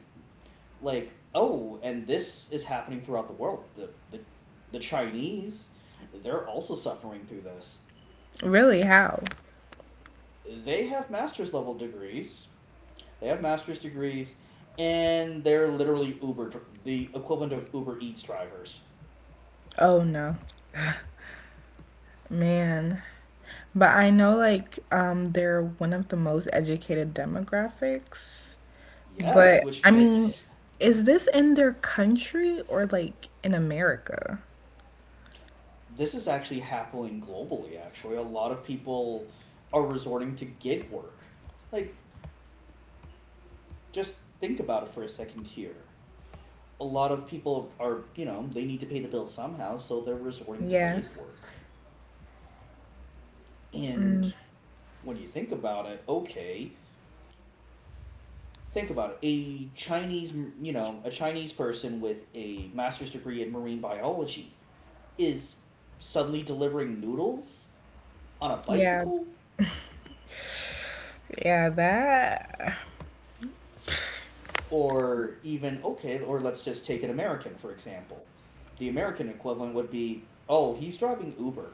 Speaker 1: like oh, and this is happening throughout the world. The Chinese, they're also suffering through this.
Speaker 2: Really, how?
Speaker 1: They have master's level degrees. They have master's degrees and they're literally Uber the equivalent of Uber Eats drivers.
Speaker 2: Oh no. Man. But I know like they're one of the most educated demographics.
Speaker 1: Yes,
Speaker 2: But
Speaker 1: which
Speaker 2: I
Speaker 1: may.
Speaker 2: mean, is this in their country or like in America?
Speaker 1: This is actually happening globally. Actually, a lot of people are resorting to gig work. Like, just think about it for a second here. A lot of people are, you know, they need to pay the bill somehow, so they're resorting to gig
Speaker 2: Yes.
Speaker 1: work. And when you think about it, okay, think about it, a Chinese person with a master's degree in marine biology is suddenly delivering noodles on a
Speaker 2: Yeah.
Speaker 1: bicycle.
Speaker 2: Yeah, that
Speaker 1: Or even, okay, or let's just take an American for example. The American equivalent would be, oh, he's driving Uber.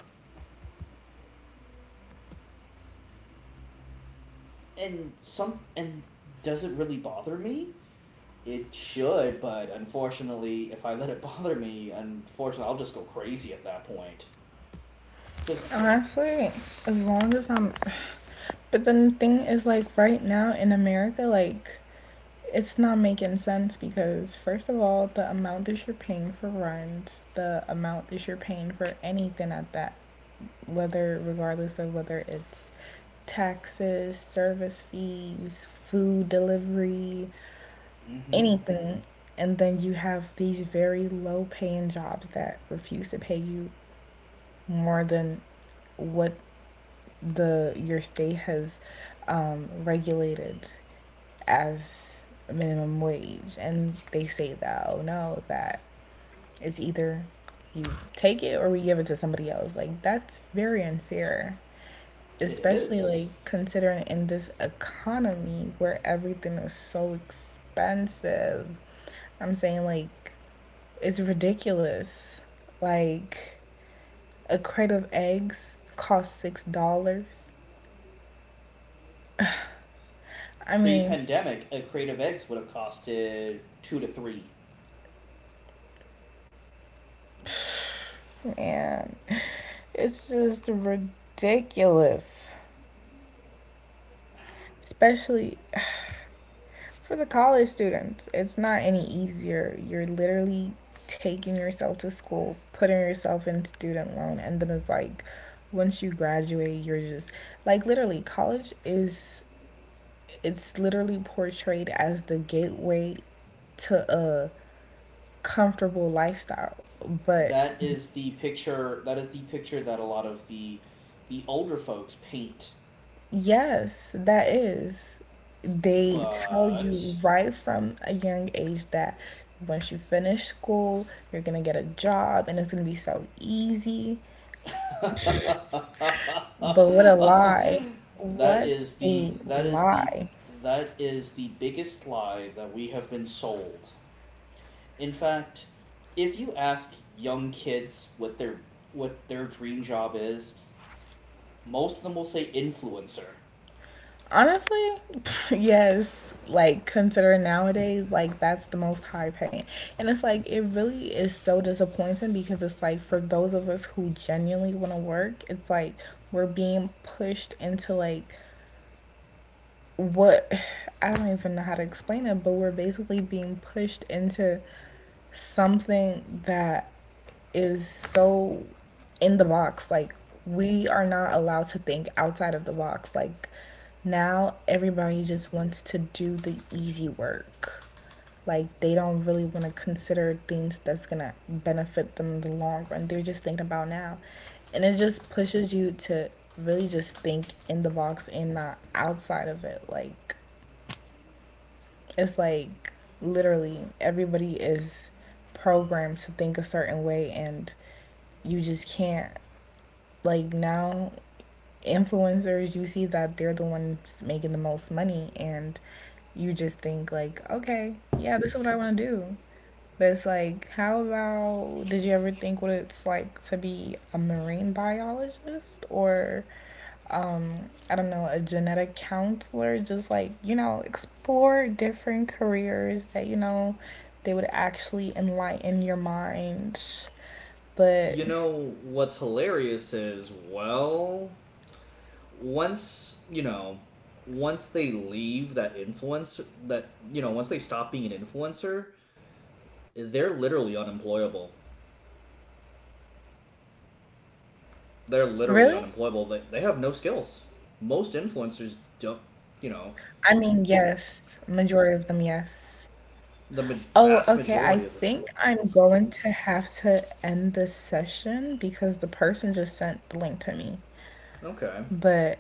Speaker 1: And some and Does it really bother me? It should, but unfortunately if I let it bother me, unfortunately I'll just go crazy at that point. Because
Speaker 2: Honestly, as long as I'm. But then the thing is, like, right now in America, like, it's not making sense because, first of all, the amount that you're paying for rent, the amount that you're paying for anything at that, whether, regardless of whether it's taxes, service fees, food delivery,
Speaker 1: mm-hmm
Speaker 2: anything. And then you have these very low paying jobs that refuse to pay you more than what the your state has regulated as a minimum wage, and they say that oh no, that it's either you take it or we give it to somebody else. Like that's very unfair,
Speaker 1: it
Speaker 2: especially like
Speaker 1: is.
Speaker 2: considering in this economy where everything is so expensive. I'm saying like it's ridiculous. Like a crate of eggs costs $6. I mean,
Speaker 1: Pre-pandemic a creative eggs would have costed two to three.
Speaker 2: Man, it's just ridiculous. Especially for the college students, it's not any easier. You're literally taking yourself to school, putting yourself in student loan, and then it's like once you graduate, you're just like literally college is it's literally portrayed as the gateway to a comfortable lifestyle, but
Speaker 1: That is the picture that a lot of the older folks paint.
Speaker 2: Yes, that is. They tell
Speaker 1: But
Speaker 2: you right from a young age that once you finish school, you're gonna get a job and it's gonna be so easy.
Speaker 1: that
Speaker 2: But what a lie. What
Speaker 1: is
Speaker 2: a
Speaker 1: the that is the
Speaker 2: lie.
Speaker 1: that is the biggest lie that we have been sold. In fact, if you ask young kids what their dream job is, most of them will say influencer.
Speaker 2: Honestly, yes, like considering nowadays, like that's the most high paying. And it's like it really is so disappointing because it's like for those of us who genuinely want to work, it's like we're being pushed into like what I don't even know how to explain it, but we're basically being pushed into something that is so in the box. Like, we are not allowed to think outside of the box. Like, now everybody just wants to do the easy work. Like, they don't really want to consider things that's going to benefit them in the long run. They're just thinking about now. And it just pushes you to really just think in the box and not outside of it. Like, it's like literally everybody is programmed to think a certain way, and you just can't. Like, now influencers, you see that they're the ones making the most money, and you just think, like, okay, yeah, this is what I want to do. But it's like, how about did you ever think what it's like to be a marine biologist or um, I don't know, a genetic counselor, just like, you know, explore different careers that, you know, they would actually enlighten your mind. But
Speaker 1: You know what's hilarious is, well, once you know, once they leave that influencer, that you know, once they stop being an influencer, they're literally unemployable.
Speaker 2: really?
Speaker 1: They're literally unemployable. They have no skills. Most influencers don't, you know,
Speaker 2: I mean, yes. Majority of them, yes.
Speaker 1: the
Speaker 2: Oh,
Speaker 1: vast
Speaker 2: okay.
Speaker 1: majority
Speaker 2: I
Speaker 1: of the.
Speaker 2: think I'm going to have to end this session because the person just sent the link to me.
Speaker 1: Okay.
Speaker 2: But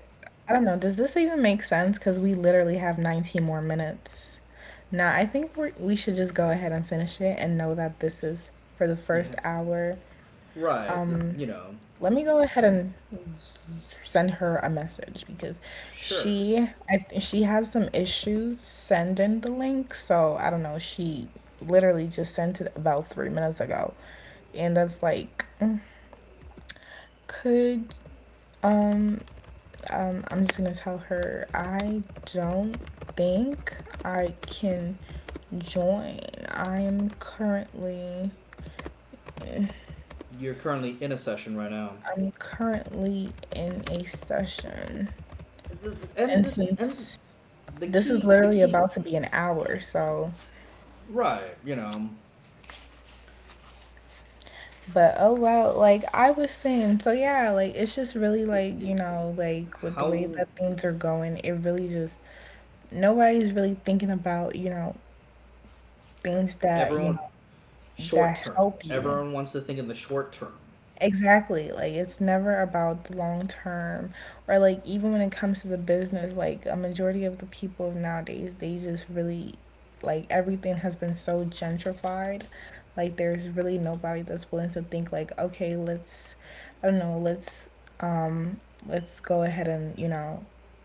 Speaker 2: I don't know, does this even make sense? Because we literally have 19 more minutes. Now, I think we should just go ahead and finish it and know that this is for the first
Speaker 1: Yeah.
Speaker 2: hour.
Speaker 1: Right.
Speaker 2: Let me go ahead and send her a message because
Speaker 1: Sure.
Speaker 2: she has some issues sending the link. So I don't know. She literally just sent it about 3 minutes ago, and that's like, could um I'm just gonna tell her I don't think I can join. I am currently
Speaker 1: You're currently in a session right now.
Speaker 2: I'm currently in a session,
Speaker 1: The- And
Speaker 2: and
Speaker 1: the, and
Speaker 2: since this is
Speaker 1: the
Speaker 2: literally
Speaker 1: key,
Speaker 2: about to be an hour, so
Speaker 1: right, you know,
Speaker 2: but oh well, like I was saying, so yeah, like it's just really
Speaker 1: it,
Speaker 2: like
Speaker 1: it,
Speaker 2: you know, like with the way
Speaker 1: how
Speaker 2: that things are going, it really just nobody's really thinking about you know things that you
Speaker 1: everyone,
Speaker 2: know
Speaker 1: short
Speaker 2: that
Speaker 1: term,
Speaker 2: help you
Speaker 1: everyone wants to think in the short term.
Speaker 2: exactly. Like it's never about the long term or like even when it comes to the business, like a majority of the people nowadays, they just really like everything has been so gentrified. Like there's really nobody that's willing to think like, okay, let's I don't know, um let's go ahead and,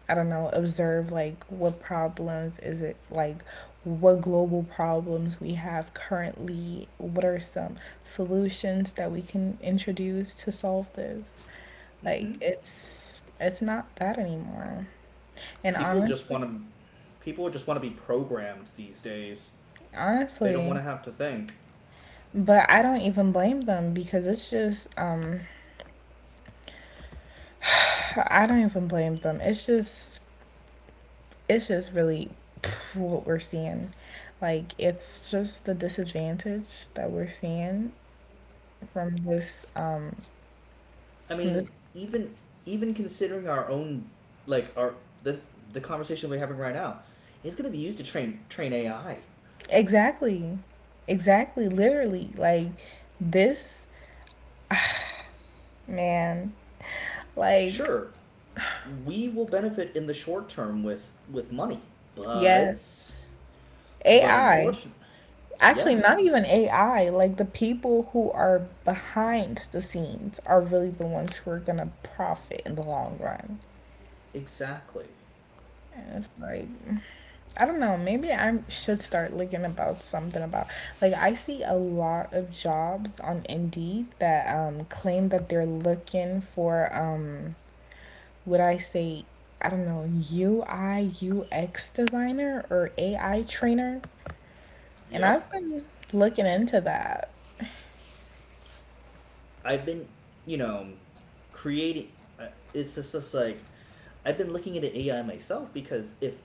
Speaker 2: I don't know, observe like what problems is it like what global problems we have currently, what are some solutions that we can introduce to solve this. Like
Speaker 1: Hmm.
Speaker 2: it's not that anymore. And
Speaker 1: People just
Speaker 2: honestly,
Speaker 1: want to People just want to be programmed these days. They don't want
Speaker 2: honestly,
Speaker 1: to have to think.
Speaker 2: but I don't even blame them because it's just I don't even blame them. It's just really pff, what we're seeing. Like it's just the disadvantage that we're seeing from this um
Speaker 1: I
Speaker 2: from
Speaker 1: mean,
Speaker 2: this
Speaker 1: even considering our own like our this the conversation we're having right now, it's going to be used to train AI.
Speaker 2: exactly. Exactly, literally. Like this Man, like,
Speaker 1: Sure, we will benefit in the short term with money, but
Speaker 2: yes,
Speaker 1: but
Speaker 2: AI.
Speaker 1: unfortunately,
Speaker 2: Actually,
Speaker 1: yeah,
Speaker 2: not even AI. Like, the people who are behind the scenes are really the ones who are gonna profit in the long run.
Speaker 1: exactly.
Speaker 2: And it's like, I don't know, maybe I should start looking about something about. Like, I see a lot of jobs on Indeed that claim that they're looking for, would I say, I don't know, UI, UX designer or AI trainer. And
Speaker 1: Yep,
Speaker 2: I've been looking into that.
Speaker 1: I've been, you know, creating. uh, It's just, I've been looking at AI myself because if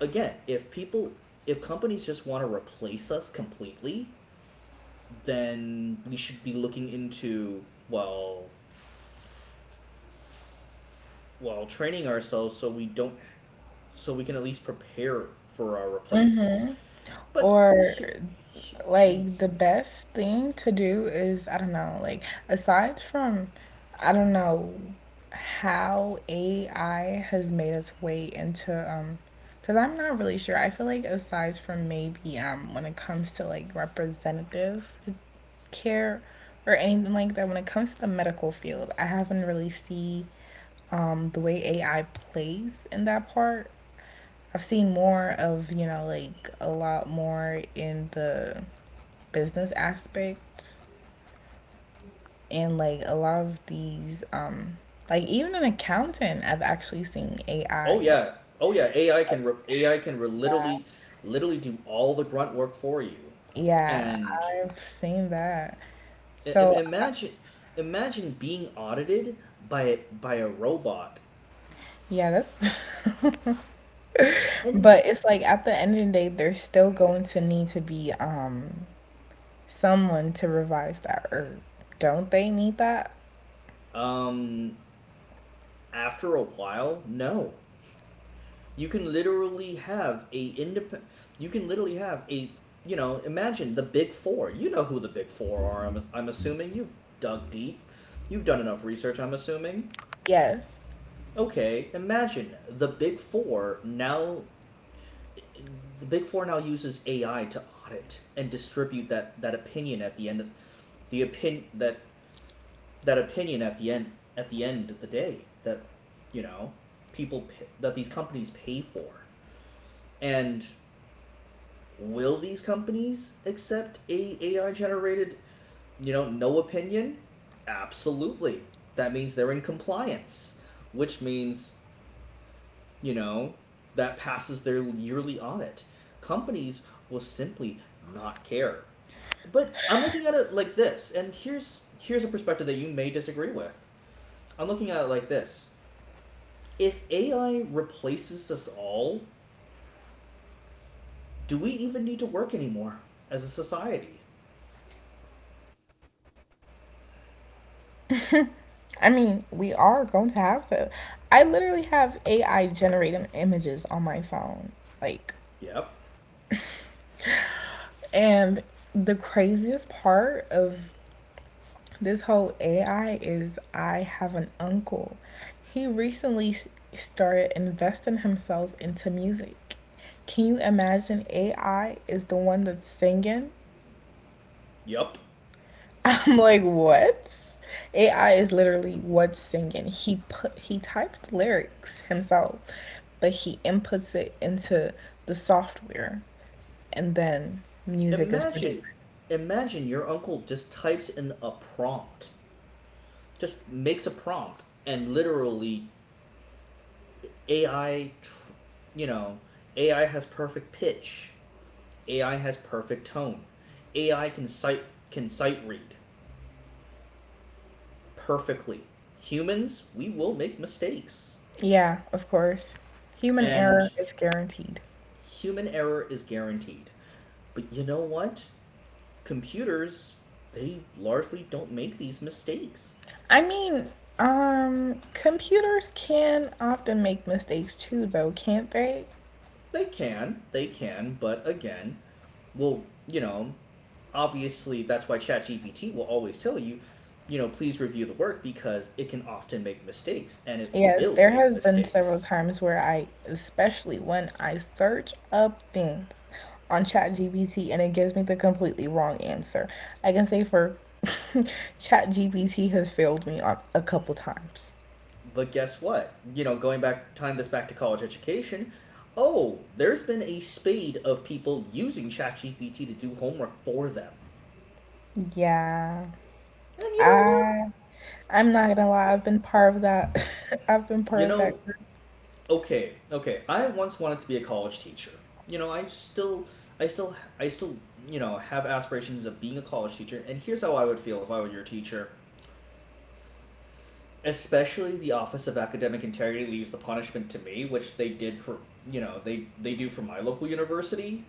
Speaker 1: again, if companies just want to replace us completely, then we should be looking into, well, well, training ourselves so we don't, so we can at least prepare for our replacements. But
Speaker 2: Or
Speaker 1: here-
Speaker 2: like the best thing to do is I don't know, like aside from I don't know how AI has made its way into because I'm not really sure. I feel like aside from maybe when it comes to like representative care or anything like that. When it comes to the medical field, I haven't really seen, the way AI plays in that part. I've seen more of, you know, like a lot more in the business aspect and like a lot of these like even an accountant I've actually seen AI
Speaker 1: oh
Speaker 2: like
Speaker 1: yeah, oh yeah, AI can literally do all the grunt work for you.
Speaker 2: yeah,
Speaker 1: And
Speaker 2: I've seen that. So
Speaker 1: imagine, imagine being audited by a robot.
Speaker 2: yeah, that's
Speaker 1: And
Speaker 2: But it's like at the end of the day, there's still going to need to be someone to revise that herb. Don't they need that?
Speaker 1: um, after a while, no. You can literally have a independent. You can literally have a, you know. Imagine the big four. You know who the big four are. I'm assuming you've dug deep. You've done enough research. I'm assuming.
Speaker 2: Yes.
Speaker 1: Okay, imagine the big four now. The big four now uses AI to audit and distribute that opinion at the end. Of, the opinion that that opinion at the end of the day that, you know, people that these companies pay for. And will these companies accept a AI generated, you know, no opinion? Absolutely. That means they're in compliance, which means, you know, that passes their yearly audit. Companies will simply not care. But I'm looking at it like this, and here's a perspective that you may disagree with. I'm looking at it like this. If AI replaces us all, do we even need to work anymore as a society?
Speaker 2: I mean, we are going to have to. I literally have AI generated images on my phone. Like,
Speaker 1: Yep.
Speaker 2: and the craziest part of this whole AI is I have an uncle. He recently started investing himself into music. Can you imagine AI is the one that's singing?
Speaker 1: Yup.
Speaker 2: I'm like, what? AI is literally what's singing. He types the lyrics himself, but he inputs it into the software and then music is
Speaker 1: Imagine,
Speaker 2: produced.
Speaker 1: imagine your uncle just types in a prompt, just makes a prompt, and literally AI, you know, AI has perfect pitch, AI has perfect tone, AI can sight read perfectly. Humans, we will make mistakes,
Speaker 2: Yeah, of course. Human
Speaker 1: and
Speaker 2: error is guaranteed.
Speaker 1: human error is guaranteed. But you know what? Computers, they largely don't make these mistakes.
Speaker 2: I mean, computers can often make mistakes too, though, can't they?
Speaker 1: They can, but again, well, you know, obviously that's why ChatGPT will always tell you, you know, please review the work because it can often make mistakes and it
Speaker 2: Yes,
Speaker 1: will
Speaker 2: there
Speaker 1: make
Speaker 2: has been several
Speaker 1: mistakes.
Speaker 2: times where I, especially when I search up things on ChatGPT and it gives me the completely wrong answer. I can say for ChatGPT has failed me on a couple times.
Speaker 1: But guess what? You know, going back, tying this back to college education, oh, there's been a spade of people using ChatGPT to do homework for them.
Speaker 2: Yeah.
Speaker 1: And you know what?
Speaker 2: I I'm not gonna lie, I've been part of that. I've been
Speaker 1: You
Speaker 2: part of
Speaker 1: know,
Speaker 2: that group.
Speaker 1: okay. I once wanted to be a college teacher. You know, I still, you know, have aspirations of being a college teacher. And here's how I would feel if I were your teacher. Especially the Office of Academic Integrity leaves the punishment to me, which they did for, you know, they do for my local university.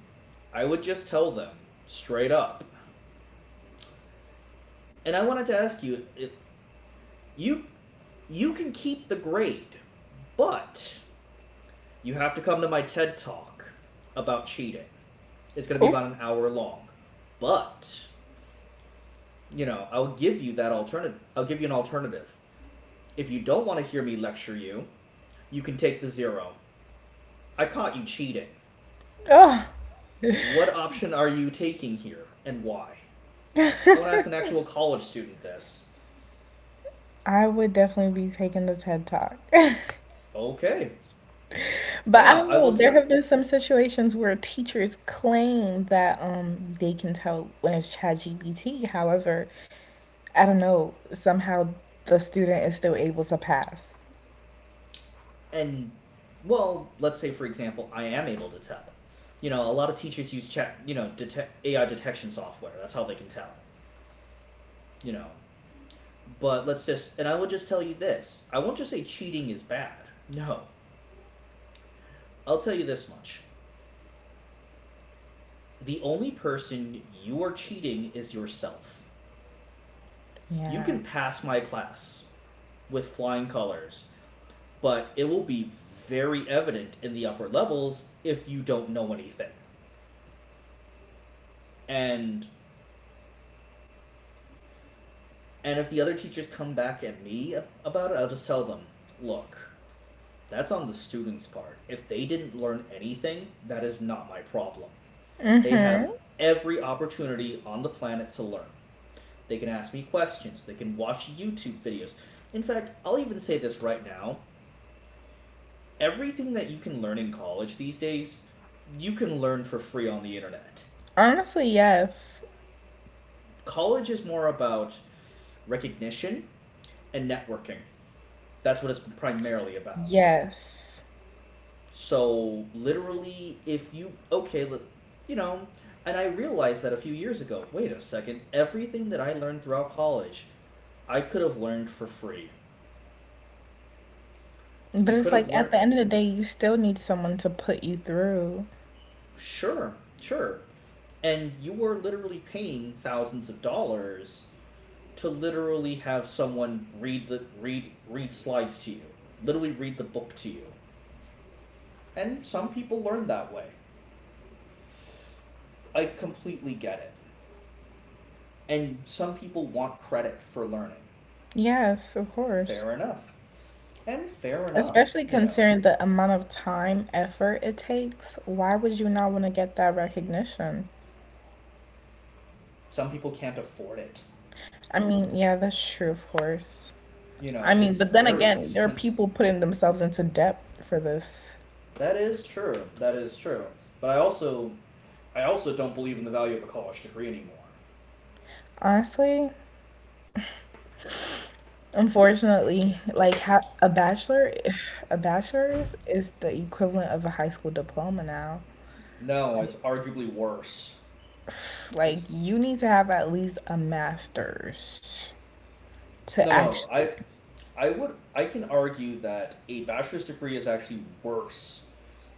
Speaker 1: I would just tell them straight up. And I wanted to ask you, you you can keep the grade, but you have to come to my TED talk about cheating. It's going to be
Speaker 2: Oh,
Speaker 1: about an hour long. But, you know, I'll give you that alternative. I'll give you an alternative. If you don't want to hear me lecture you, you can take the zero. I caught you cheating.
Speaker 2: oh,
Speaker 1: What option are you taking here and why? I want to ask an actual college student this.
Speaker 2: I would definitely be taking the TED Talk.
Speaker 1: Okay.
Speaker 2: But I
Speaker 1: Now,
Speaker 2: don't
Speaker 1: I
Speaker 2: know,
Speaker 1: will
Speaker 2: there
Speaker 1: tell.
Speaker 2: have been some situations where teachers claim that they can tell when it's ChatGPT. However, I don't know, somehow the student is still able to pass.
Speaker 1: And, well, let's say, for example, I am able to tell. You know, a lot of teachers use detect AI detection software. That's how they can tell. You know, but let's just, and I will just tell you this, I won't just say cheating is bad. No. I'll tell you this much, the only person you are cheating is yourself. You
Speaker 2: Yeah.
Speaker 1: can pass my class with flying colors, but it will be very evident in the upper levels if you don't know anything. And and if the other teachers come back at me about it, I'll just tell them, "Look, that's on the students' part. If they didn't learn anything, that is not my problem." They
Speaker 2: Mm-hmm.
Speaker 1: have every opportunity on the planet to learn. They can ask me questions, they can watch YouTube videos. In fact, I'll even say this right now, everything that you can learn in college these days, you can learn for free on the internet.
Speaker 2: Honestly, yes.
Speaker 1: College is more about recognition and networking. That's what it's primarily about.
Speaker 2: Yes.
Speaker 1: So, literally, if you, okay, you know, and I realized that a few years ago, wait a second, everything that I learned throughout college, I could have learned for free.
Speaker 2: But
Speaker 1: You could
Speaker 2: it's
Speaker 1: have
Speaker 2: like at
Speaker 1: learned,
Speaker 2: the end of the day, you still need someone to put you through.
Speaker 1: sure, sure. And you were literally paying thousands of dollars to literally have someone read the read slides to you, literally read the book to you. And some people learn that way. I completely get it. And some people want credit for learning.
Speaker 2: Yes, of course.
Speaker 1: Fair enough. And fair enough,
Speaker 2: Especially considering the amount of time, effort it takes, why would you not want to get that recognition?
Speaker 1: Some people can't afford it.
Speaker 2: I mean, yeah, that's true, of course.
Speaker 1: You
Speaker 2: I
Speaker 1: know,
Speaker 2: mean,
Speaker 1: it's
Speaker 2: but then
Speaker 1: very
Speaker 2: again, there are
Speaker 1: expensive.
Speaker 2: people putting themselves into debt for this.
Speaker 1: That is true. That is true. But I also, I also don't believe in the value of a college degree anymore.
Speaker 2: Honestly, unfortunately, a bachelor, a bachelor's is the equivalent of a high school diploma now.
Speaker 1: No,
Speaker 2: Like,
Speaker 1: it's arguably worse.
Speaker 2: like
Speaker 1: It's
Speaker 2: you need to have at least a master's to
Speaker 1: No, no.
Speaker 2: actually.
Speaker 1: I would I can argue that a bachelor's degree is actually worse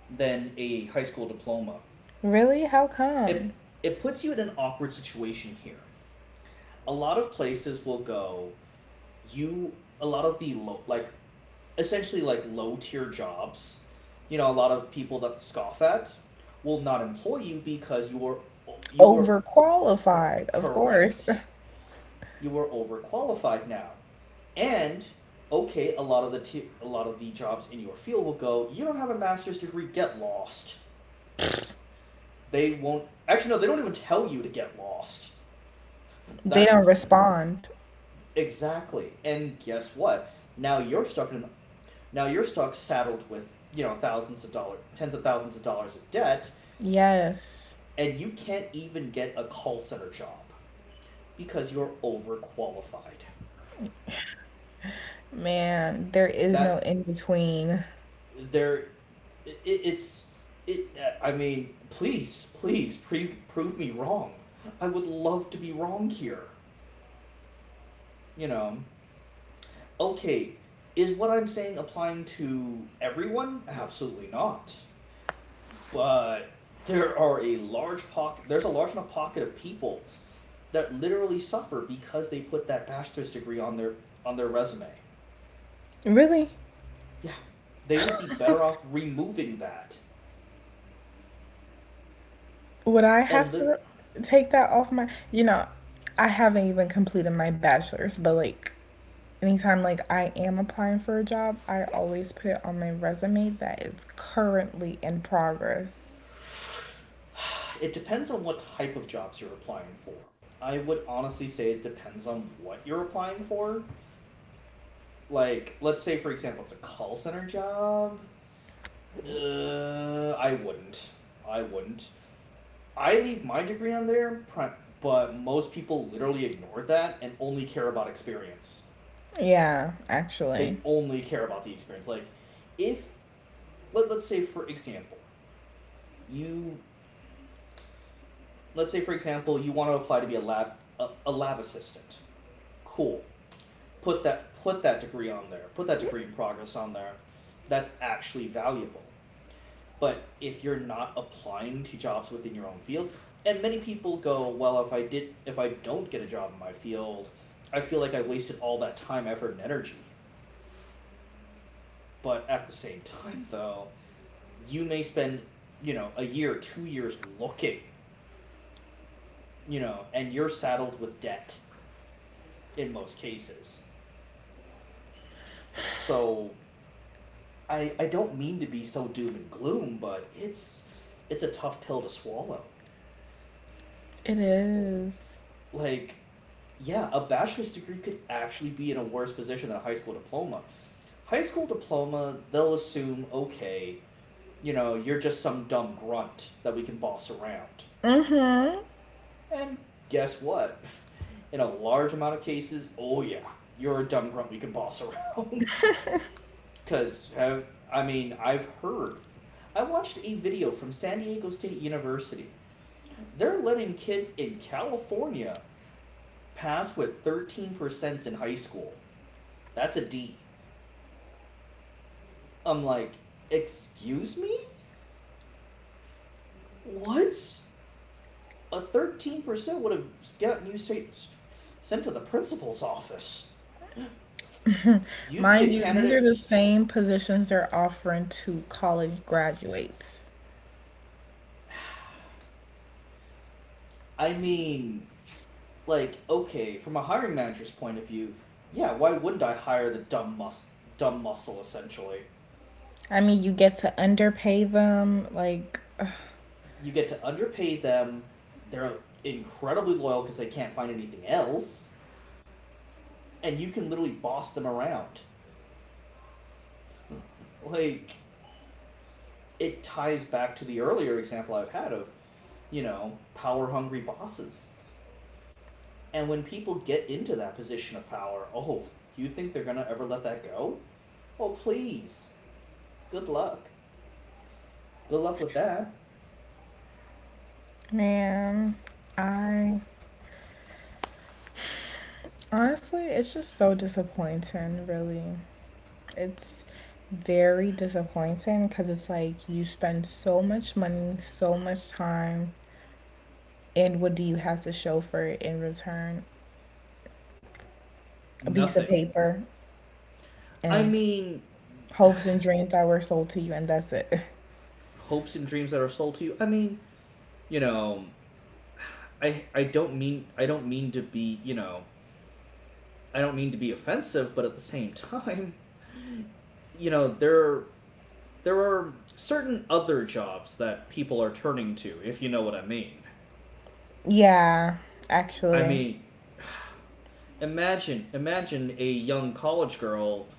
Speaker 1: than a high school diploma.
Speaker 2: Really? How come?
Speaker 1: It it puts you in an awkward situation here. A lot of places will go, you, a lot of the low like essentially like low tier jobs. You know, a lot of people that scoff at will not employ you because you were quote,
Speaker 2: Overqualified, of course.
Speaker 1: correct, you are overqualified now. And okay, a lot of the jobs in your field will go, you don't have a master's degree, get lost. They won't actually, no, they don't even tell you to get lost.
Speaker 2: They
Speaker 1: That's
Speaker 2: don't respond.
Speaker 1: exactly. And guess what? Now you're stuck in Now you're stuck saddled with, you know, thousands of dollars, tens of thousands of dollars of debt,
Speaker 2: Yes.
Speaker 1: and you can't even get a call center job because you're overqualified.
Speaker 2: Man, there is no
Speaker 1: That
Speaker 2: in between.
Speaker 1: there it, it's it. I mean, please, please, prove me wrong. I would love to be wrong here. You know. Okay, is what I'm saying applying to everyone? Absolutely not. But there are a large pocket. There's a large enough pocket of people that literally suffer because they put that bachelor's degree on their resume.
Speaker 2: Really?
Speaker 1: Yeah, they would be better off removing that
Speaker 2: Would I have
Speaker 1: and
Speaker 2: to
Speaker 1: li-
Speaker 2: take that off my, you know, I haven't even completed my bachelor's, but like anytime like I am applying for a job, I always put it on my resume that it's currently in progress.
Speaker 1: It depends on what type of jobs you're applying for. I would honestly say it depends on what you're applying for. Like, let's say, for example, it's a call center job. I wouldn't. I wouldn't. I leave my degree on there, but most people literally ignore that and only care about experience.
Speaker 2: Yeah, actually.
Speaker 1: They only care about the experience. Like, if, let's say, for example, you, let's say, for example, you want to apply to be a lab assistant. Cool, put that degree on there, put that degree in progress on there. That's actually valuable. But if you're not applying to jobs within your own field, and many people go, well, if I don't get a job in my field, I feel like I wasted all that time, effort, and energy. But at the same time, though, you may spend, you know, a year, 2 years looking, you know, and you're saddled with debt in most cases. So I don't mean to be so doom and gloom, but it's a tough pill to swallow.
Speaker 2: It is.
Speaker 1: Like, yeah, a bachelor's degree could actually be in a worse position than a high school diploma. High school diploma, they'll assume, okay, you know, you're just some dumb grunt that we can boss around.
Speaker 2: Mm-hmm.
Speaker 1: And guess what? In a large amount of cases, oh yeah, you're a dumb grunt we can boss around. Because, I mean, I've heard. I watched a video from San Diego State University. They're letting kids in California pass with 13% in high school. That's a D. I'm like, excuse me? What? A 13% would have gotten you sent to the principal's office. You'd be a
Speaker 2: Mind you, these are
Speaker 1: candidate.
Speaker 2: the same positions they're offering to college graduates.
Speaker 1: I mean, like, okay, from a hiring manager's point of view, yeah, why wouldn't I hire the dumb muscle essentially?
Speaker 2: I mean, you get to underpay them, like,
Speaker 1: You get to underpay them. They're incredibly loyal because they can't find anything else and you can literally boss them around. Like it ties back to the earlier example I've had of, you know, power hungry bosses. And when people get into that position of power, oh, you think they're going to ever let that go? Oh, please. Good luck. Good luck with that.
Speaker 2: man, I honestly, it's just so disappointing, really. It's very disappointing because it's like you spend so much money, so much time, and what do you have to show for it in return? A piece of
Speaker 1: Nothing.
Speaker 2: paper
Speaker 1: I
Speaker 2: and
Speaker 1: mean,
Speaker 2: hopes and dreams that were sold to you, and that's it.
Speaker 1: hopes and dreams that are sold to you. I mean, you know, I don't mean I don't mean to be, you know, I don't mean to be offensive, but at the same time, you know, there are certain other jobs that people are turning to, if you know what I mean.
Speaker 2: Yeah,
Speaker 1: I
Speaker 2: actually.
Speaker 1: mean, imagine a young college girl,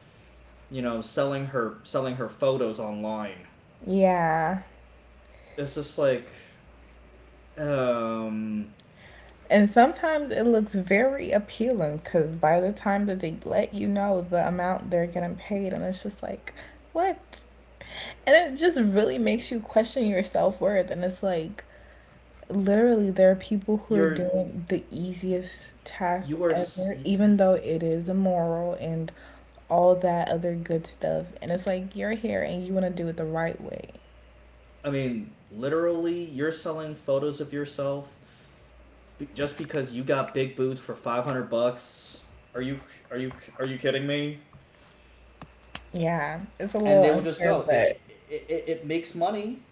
Speaker 1: you know, selling her photos online.
Speaker 2: Yeah.
Speaker 1: It's just like um
Speaker 2: And sometimes it looks very appealing because by the time that they let you know the amount they're getting paid, and it's just like, what And it just really makes you question your self worth. And it's like, literally, there are people who are
Speaker 1: you're
Speaker 2: doing the easiest task
Speaker 1: you are s-
Speaker 2: ever, even though it is immoral and all that other good stuff. And it's like, you're here and you want to do it the right way.
Speaker 1: I mean, literally you're selling photos of yourself just because you got big boobs for 500 bucks. Are you are you are you kidding me?
Speaker 2: Yeah, it's a
Speaker 1: And
Speaker 2: little
Speaker 1: they will just
Speaker 2: unfair,
Speaker 1: go.
Speaker 2: but
Speaker 1: It makes money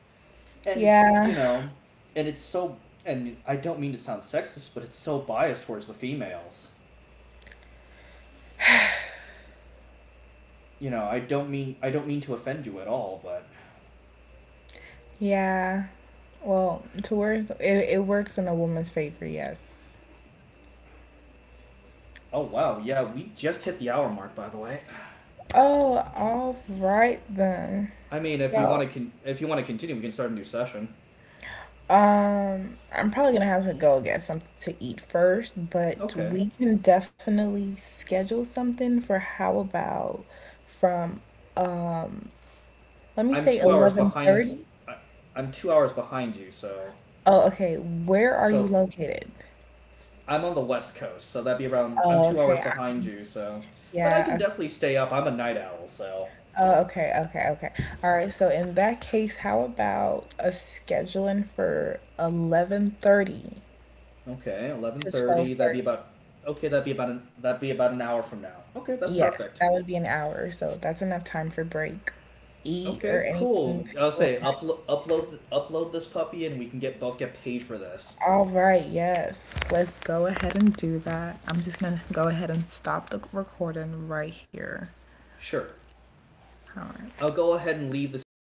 Speaker 1: and you
Speaker 2: yeah,
Speaker 1: know, and it's so, and I don't mean to sound sexist, but it's so biased towards the females. You know, I don't mean to offend you at all, but
Speaker 2: yeah. Well, to where it works in a woman's favor, yes.
Speaker 1: oh wow, yeah, we just hit the hour mark by the way.
Speaker 2: Oh, all right then.
Speaker 1: I mean, if you want
Speaker 2: So,
Speaker 1: to con- if you want to continue, we can start a new session.
Speaker 2: I'm probably gonna have to go get something to eat first, but
Speaker 1: Okay.
Speaker 2: we can definitely schedule something for how about from uh let me
Speaker 1: I'm
Speaker 2: say
Speaker 1: 2 hours behind
Speaker 2: 11:30.
Speaker 1: I- I'm two hours behind you, so
Speaker 2: Oh, okay. Where are you
Speaker 1: so
Speaker 2: located?
Speaker 1: I'm on the west coast, so that'd be around I'm
Speaker 2: Oh,
Speaker 1: two
Speaker 2: okay.
Speaker 1: hours
Speaker 2: I-
Speaker 1: behind you, so but I can
Speaker 2: Yeah. o-
Speaker 1: definitely stay up. I'm a night owl, so
Speaker 2: Oh, okay. Okay. Okay. All right. So in that case, how about a scheduling for 11:30
Speaker 1: okay, eleven
Speaker 2: to
Speaker 1: thirty. That'd be
Speaker 2: 12:30?
Speaker 1: about okay. That'd be about an that'd be about an hour from now. Okay, that's
Speaker 2: Yes,
Speaker 1: perfect.
Speaker 2: that would be an hour, so that's enough time for break. Eat or
Speaker 1: Okay, cool.
Speaker 2: anything that
Speaker 1: I'll
Speaker 2: you want.
Speaker 1: say upload this puppy, and we can get both get paid for this.
Speaker 2: All right, yes. Let's go ahead and do that. I'm just gonna go ahead and stop the recording right here.
Speaker 1: Sure.
Speaker 2: All right.
Speaker 1: I'll go ahead and leave the studio